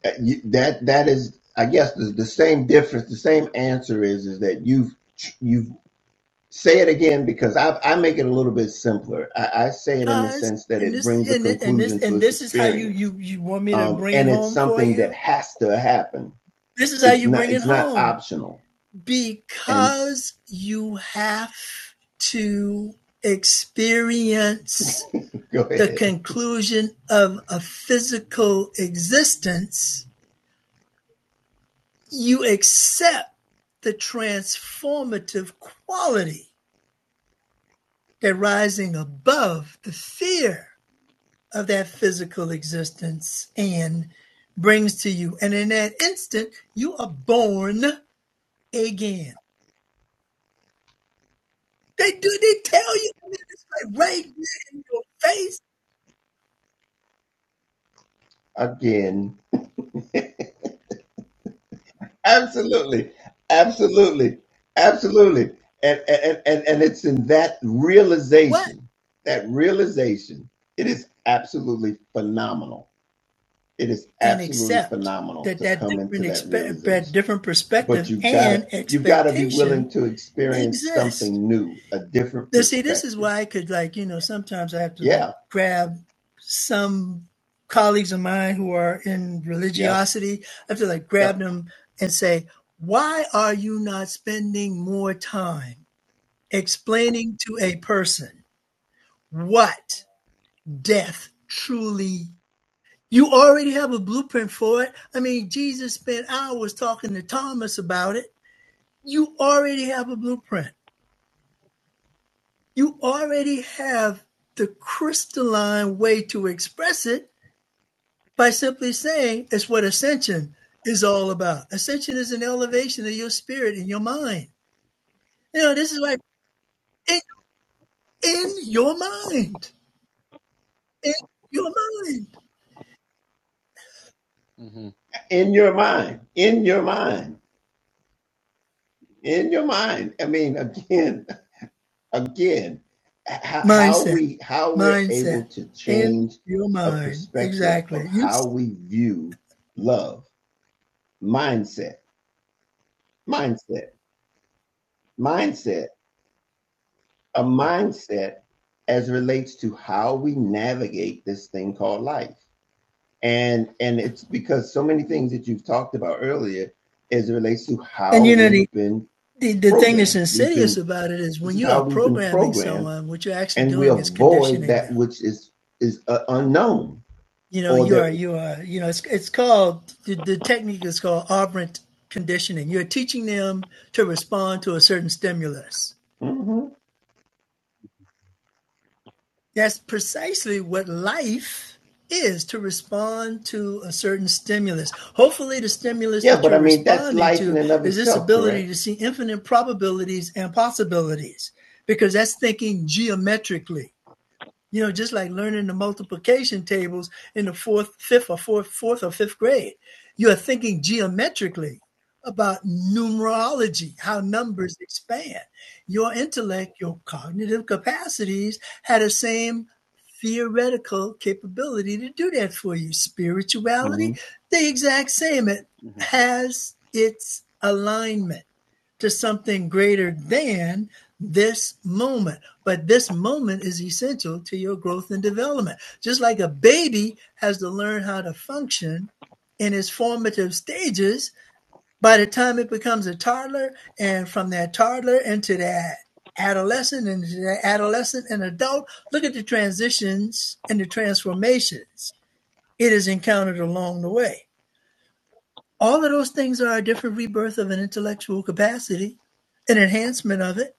[SPEAKER 1] that that is, I guess, the, the same difference. The same answer is is that you've you've say it again because I I make it a little bit simpler. I, I say it in the
[SPEAKER 3] cause
[SPEAKER 1] sense that
[SPEAKER 3] and
[SPEAKER 1] it
[SPEAKER 3] this
[SPEAKER 1] brings a
[SPEAKER 3] and it- and this
[SPEAKER 1] conclusion to
[SPEAKER 3] and
[SPEAKER 1] this
[SPEAKER 3] this is how you you
[SPEAKER 1] experience,
[SPEAKER 3] you want me to
[SPEAKER 1] um,
[SPEAKER 3] bring it
[SPEAKER 1] and it's
[SPEAKER 3] home for
[SPEAKER 1] something that
[SPEAKER 3] you.
[SPEAKER 1] has to happen.
[SPEAKER 3] This is how
[SPEAKER 1] It's
[SPEAKER 3] you
[SPEAKER 1] not
[SPEAKER 3] bring it
[SPEAKER 1] it's not
[SPEAKER 3] home
[SPEAKER 1] optional. And s-
[SPEAKER 3] because you have to experience
[SPEAKER 1] go
[SPEAKER 3] the
[SPEAKER 1] ahead
[SPEAKER 3] conclusion of a physical existence you accept the transformative quality that rising above the fear of that physical existence and brings to you. And in that instant, you are born again. They do, they tell you, and it's like right there in your face,
[SPEAKER 1] again. Absolutely. Absolutely. Absolutely. And, and, and, and it's in that
[SPEAKER 3] what?
[SPEAKER 1] realization, that realization, it is absolutely phenomenal. It is
[SPEAKER 3] And
[SPEAKER 1] absolutely
[SPEAKER 3] accept
[SPEAKER 1] phenomenal
[SPEAKER 3] that
[SPEAKER 1] to
[SPEAKER 3] that
[SPEAKER 1] come into
[SPEAKER 3] different,
[SPEAKER 1] that
[SPEAKER 3] expe- that
[SPEAKER 1] realization.
[SPEAKER 3] different
[SPEAKER 1] But
[SPEAKER 3] perspective
[SPEAKER 1] you've got to,
[SPEAKER 3] and
[SPEAKER 1] you've got to be willing
[SPEAKER 3] expectation
[SPEAKER 1] to experience
[SPEAKER 3] exists.
[SPEAKER 1] something new, a different
[SPEAKER 3] see, this is
[SPEAKER 1] perspective.
[SPEAKER 3] why I could like, you know, sometimes I have to like
[SPEAKER 1] Yeah.
[SPEAKER 3] grab some colleagues of mine who are in
[SPEAKER 1] Yeah.
[SPEAKER 3] religiosity. I have to like grab
[SPEAKER 1] Yep.
[SPEAKER 3] them and say, why are you not spending more time explaining to a person what death truly is? you already have a blueprint for it. I mean, Jesus spent hours talking to Thomas about it. You already have a blueprint you already have the crystalline way to express it by simply saying it's what ascension is all about. Ascension is an elevation of your spirit and your mind. You know, this is like in, in your mind, in your mind,
[SPEAKER 4] Mm.
[SPEAKER 1] In your mind, in your mind, in your mind. I mean, again, again how
[SPEAKER 3] mindset,
[SPEAKER 1] we how we're able
[SPEAKER 3] mindset,
[SPEAKER 1] to
[SPEAKER 3] in
[SPEAKER 1] change
[SPEAKER 3] your
[SPEAKER 1] a
[SPEAKER 3] mind.
[SPEAKER 1] perspective of
[SPEAKER 3] Exactly. You
[SPEAKER 1] how we view love mindset mindset mindset a
[SPEAKER 4] Mhm.
[SPEAKER 1] mindset as relates to how we navigate this thing called life and and it's because so many things that you've talked about earlier as it relates to how
[SPEAKER 3] and you know the,
[SPEAKER 1] we've been
[SPEAKER 3] the the thing that's
[SPEAKER 1] programmed we've
[SPEAKER 3] insidious
[SPEAKER 1] been
[SPEAKER 3] about it is
[SPEAKER 1] this
[SPEAKER 3] when
[SPEAKER 1] is
[SPEAKER 3] you are
[SPEAKER 1] how we've been
[SPEAKER 3] programming
[SPEAKER 1] programmed
[SPEAKER 3] someone, what you're actually
[SPEAKER 1] and we
[SPEAKER 3] doing is
[SPEAKER 1] avoid
[SPEAKER 3] conditioning them.
[SPEAKER 1] that which is is uh, unknown
[SPEAKER 3] You know,
[SPEAKER 1] or
[SPEAKER 3] you
[SPEAKER 1] that
[SPEAKER 3] are you are you know it's it's called the, the technique is called operant conditioning. You're teaching them to respond to a certain stimulus.
[SPEAKER 1] hmm
[SPEAKER 3] That's precisely what life is to respond to a certain stimulus. Hopefully the stimulus
[SPEAKER 1] yeah
[SPEAKER 3] that
[SPEAKER 1] but i
[SPEAKER 3] you're
[SPEAKER 1] mean that's
[SPEAKER 3] responding
[SPEAKER 1] life
[SPEAKER 3] to
[SPEAKER 1] in and of
[SPEAKER 3] is this
[SPEAKER 1] itself
[SPEAKER 3] ability to
[SPEAKER 1] correct
[SPEAKER 3] see infinite probabilities and possibilities because that's thinking geometrically. You know, just like learning the multiplication tables in the fourth, fifth, or fourth, fourth or fifth grade, you are thinking geometrically about numerology, how numbers expand. Your intellect, your cognitive capacities had the same theoretical capability to do that for you.
[SPEAKER 1] hmm
[SPEAKER 3] Spirituality, the exact same. It
[SPEAKER 4] Mm.
[SPEAKER 3] has its alignment to something greater than this moment. But this moment is essential to your growth and development. Just like a baby has to learn how to function in its formative stages, by the time it becomes a toddler, and from that toddler into that adolescent and into that adolescent and adult, look at the transitions and the transformations it has encountered along the way. All of those things are a different rebirth of an intellectual capacity, an enhancement of it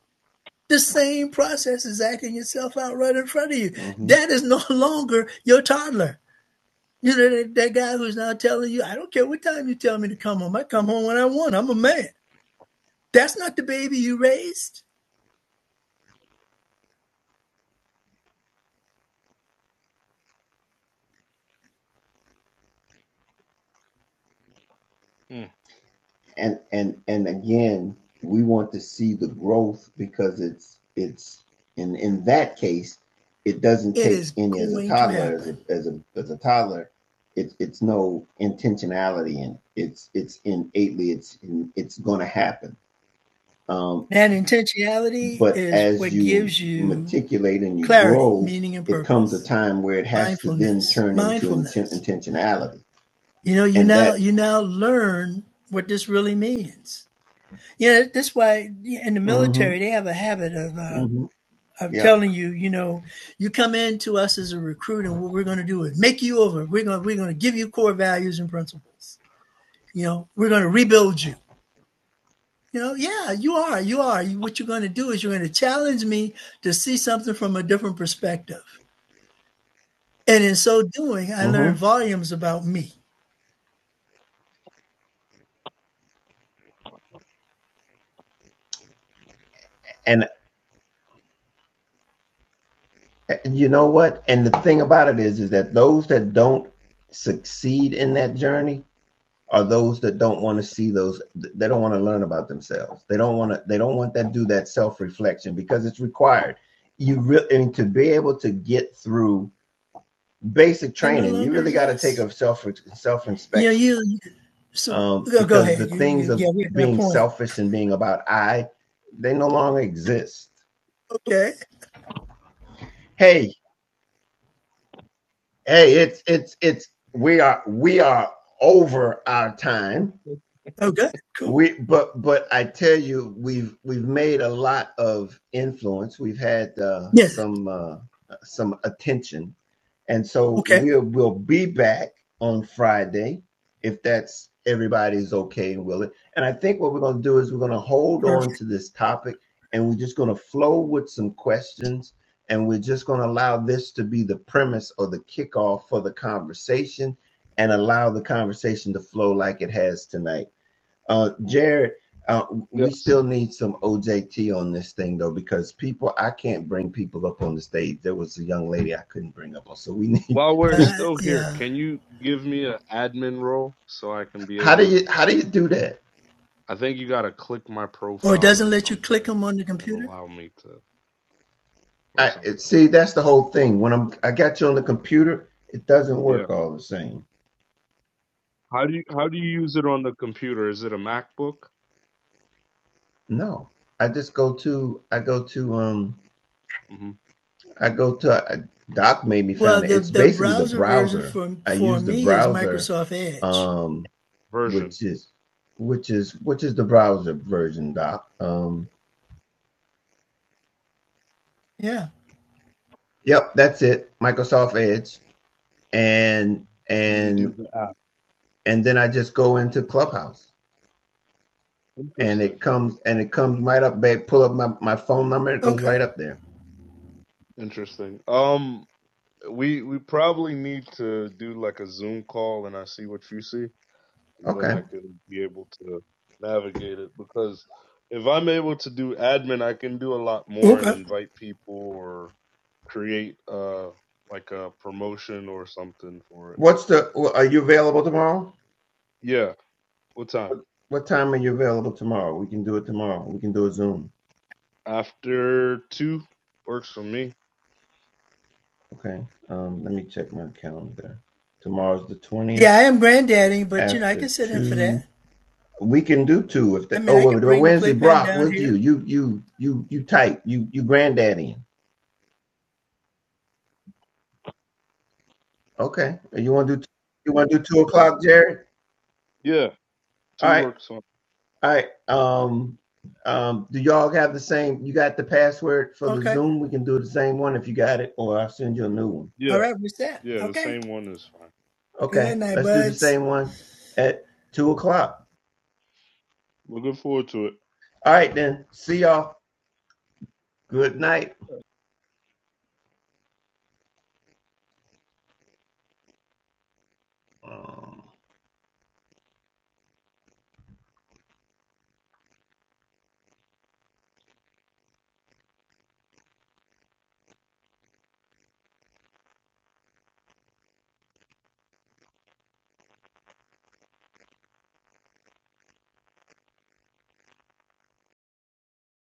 [SPEAKER 3] the same process is acting itself out right in front of you.
[SPEAKER 1] hmm
[SPEAKER 3] That is no longer your toddler. You know, that, that guy who's now telling you, I don't care what time you tell me to come home, I come home when I want. I'm a man. That's not the baby you raised.
[SPEAKER 1] and and and again we want to see the growth because it's it's in in that case it doesn't
[SPEAKER 3] It
[SPEAKER 1] take
[SPEAKER 3] is
[SPEAKER 1] any as a
[SPEAKER 3] going to
[SPEAKER 1] toddler as
[SPEAKER 3] happen.
[SPEAKER 1] a as a as a toddler it's it's no intentionality in it. it's it's innately it's it's going to happen Um,
[SPEAKER 3] That intentionality
[SPEAKER 1] but
[SPEAKER 3] is
[SPEAKER 1] as
[SPEAKER 3] what
[SPEAKER 1] you
[SPEAKER 3] gives you
[SPEAKER 1] matriculate and you
[SPEAKER 3] clarity,
[SPEAKER 1] grow,
[SPEAKER 3] meaning, and
[SPEAKER 1] it comes a
[SPEAKER 3] purpose.
[SPEAKER 1] time where it has to then
[SPEAKER 3] Mindfulness,
[SPEAKER 1] turn into inten-
[SPEAKER 3] mindfulness.
[SPEAKER 1] intentionality,
[SPEAKER 3] You know, you
[SPEAKER 1] and
[SPEAKER 3] now
[SPEAKER 1] that.
[SPEAKER 3] you now learn what this really means. You know, that's why in the
[SPEAKER 1] hmm
[SPEAKER 3] military they have a habit of uh,
[SPEAKER 1] hmm
[SPEAKER 3] I'm
[SPEAKER 1] Yep.
[SPEAKER 3] telling you, you know, you come in to us as a recruit, and what we're going to do is make you over. We're going we're going to give you core values and principles. You know, we're going to rebuild you. You know, yeah, you are, you are. You, what you're going to do is you're going to challenge me to see something from a different perspective, and in so doing, I
[SPEAKER 1] hmm
[SPEAKER 3] learned volumes about me
[SPEAKER 1] And uh, you know what? And the thing about it is, is that those that don't succeed in that journey are
[SPEAKER 4] Mhm.
[SPEAKER 1] those that don't want to see those. They don't want to learn about themselves. They don't want to. They don't want that do that self reflection because it's required. You really and to be able to get through basic
[SPEAKER 3] and no
[SPEAKER 1] training. You
[SPEAKER 3] longer
[SPEAKER 1] really got to take
[SPEAKER 3] exists.
[SPEAKER 1] a self self
[SPEAKER 3] You know,
[SPEAKER 1] inspection
[SPEAKER 3] you you so
[SPEAKER 1] um,
[SPEAKER 3] go, go
[SPEAKER 1] because
[SPEAKER 3] ahead.
[SPEAKER 1] the
[SPEAKER 3] You,
[SPEAKER 1] things
[SPEAKER 3] you,
[SPEAKER 1] of
[SPEAKER 3] yeah, we have that
[SPEAKER 1] being
[SPEAKER 3] point.
[SPEAKER 1] selfish and being about I, they no longer exist.
[SPEAKER 3] Okay,
[SPEAKER 1] Hey, hey, it's it's it's we are we are over our time.
[SPEAKER 3] okay, cool.
[SPEAKER 1] We but but I tell you, we've we've made a lot of influence. We've had uh,
[SPEAKER 3] Yeah,
[SPEAKER 1] some uh, some attention And so
[SPEAKER 3] okay,
[SPEAKER 1] we'll we'll be back on Friday if that's everybody's okay and willing. And I think what we're going to do is we're going to hold on
[SPEAKER 3] perfect.
[SPEAKER 1] to this topic and we're just going to flow with some questions and we're just going to allow this to be the premise or the kickoff for the conversation and allow the conversation to flow like it has tonight. Uh, Jared, uh, we
[SPEAKER 4] Yes.
[SPEAKER 1] still need some OJT on this thing though, because people, I can't bring people up on the stage. There was a young lady I couldn't bring up on, so we need.
[SPEAKER 4] While we're
[SPEAKER 3] Uh,
[SPEAKER 4] still here,
[SPEAKER 3] yeah.
[SPEAKER 4] can you give me an admin role so I can be
[SPEAKER 1] How do
[SPEAKER 4] able to?
[SPEAKER 1] you how do you do that?
[SPEAKER 4] I think you gotta click my
[SPEAKER 3] Or it
[SPEAKER 4] profile
[SPEAKER 3] doesn't
[SPEAKER 4] or
[SPEAKER 3] let you click
[SPEAKER 4] something
[SPEAKER 3] them on the
[SPEAKER 4] and
[SPEAKER 3] computer?
[SPEAKER 4] allow me to or
[SPEAKER 1] I
[SPEAKER 4] something.
[SPEAKER 1] see. That's the whole thing. When I'm I got you on the computer, it doesn't
[SPEAKER 4] Yeah.
[SPEAKER 1] work all the same.
[SPEAKER 4] How do you how do you use it on the computer? Is it a MacBook
[SPEAKER 1] No, I just go to I go to um
[SPEAKER 4] hmm
[SPEAKER 1] I go to uh, Doc made me
[SPEAKER 3] Well,
[SPEAKER 1] found it.
[SPEAKER 3] the,
[SPEAKER 1] It's
[SPEAKER 3] the
[SPEAKER 1] basically the
[SPEAKER 3] browser version
[SPEAKER 1] browser.
[SPEAKER 3] for
[SPEAKER 1] I
[SPEAKER 3] for
[SPEAKER 1] use the
[SPEAKER 3] me is
[SPEAKER 1] browser
[SPEAKER 3] Microsoft Edge.
[SPEAKER 1] um
[SPEAKER 4] version?
[SPEAKER 1] which is which is which is the browser version, Doc. Um,
[SPEAKER 3] Yeah.
[SPEAKER 1] yep, that's it. Microsoft Edge, and
[SPEAKER 4] And you do
[SPEAKER 1] and
[SPEAKER 4] the app.
[SPEAKER 1] and then I just go into Clubhouse, and
[SPEAKER 4] Interesting.
[SPEAKER 1] it comes and it comes right up. Babe, pull up my my phone number. It goes
[SPEAKER 3] Okay.
[SPEAKER 1] right up there.
[SPEAKER 4] Interesting. Um, we we probably need to do like a Zoom call, and I see what you see. and then
[SPEAKER 1] Okay.
[SPEAKER 4] I could be able to navigate it because if I'm able to do admin, I can do a lot more and
[SPEAKER 3] Okay.
[SPEAKER 4] invite people or create uh like a promotion or something for it.
[SPEAKER 1] What's the? Are you available tomorrow?
[SPEAKER 4] Yeah, what time?
[SPEAKER 1] What, what time are you available tomorrow? We can do it tomorrow. We can do a Zoom.
[SPEAKER 4] After 2 works for me.
[SPEAKER 1] Okay. Um, let me check my calendar. Tomorrow's the twentieth
[SPEAKER 3] Yeah, I am granddaddy, but you know, I
[SPEAKER 1] after
[SPEAKER 3] can sit in for
[SPEAKER 1] two
[SPEAKER 3] that.
[SPEAKER 1] We can do two if
[SPEAKER 3] I
[SPEAKER 1] the
[SPEAKER 3] mean,
[SPEAKER 1] oh
[SPEAKER 3] I
[SPEAKER 1] well,
[SPEAKER 3] can
[SPEAKER 1] well,
[SPEAKER 3] bring the
[SPEAKER 1] Wednesday
[SPEAKER 3] playpen
[SPEAKER 1] Brock
[SPEAKER 3] down
[SPEAKER 1] with
[SPEAKER 3] here.
[SPEAKER 1] you. You you you you tight. You you granddaddy. Okay. You wanna do you wanna do two o'clock, Jerry?
[SPEAKER 4] Yeah,
[SPEAKER 1] All
[SPEAKER 4] 2
[SPEAKER 1] right,
[SPEAKER 4] works on.
[SPEAKER 1] all right. Um um do y'all have the same you got the password for the
[SPEAKER 3] Okay.
[SPEAKER 1] Zoom? We can do the same one if you got it, or I'll send you a new one.
[SPEAKER 3] All
[SPEAKER 4] Yeah,
[SPEAKER 3] right. What's that?
[SPEAKER 4] yeah, the
[SPEAKER 3] Okay.
[SPEAKER 4] same one is fine.
[SPEAKER 3] Good
[SPEAKER 1] Okay,
[SPEAKER 3] night,
[SPEAKER 1] let's do the
[SPEAKER 3] buds.
[SPEAKER 1] same one at two o'clock.
[SPEAKER 4] Looking forward to it.
[SPEAKER 1] All right then. See y'all. Good night. Um,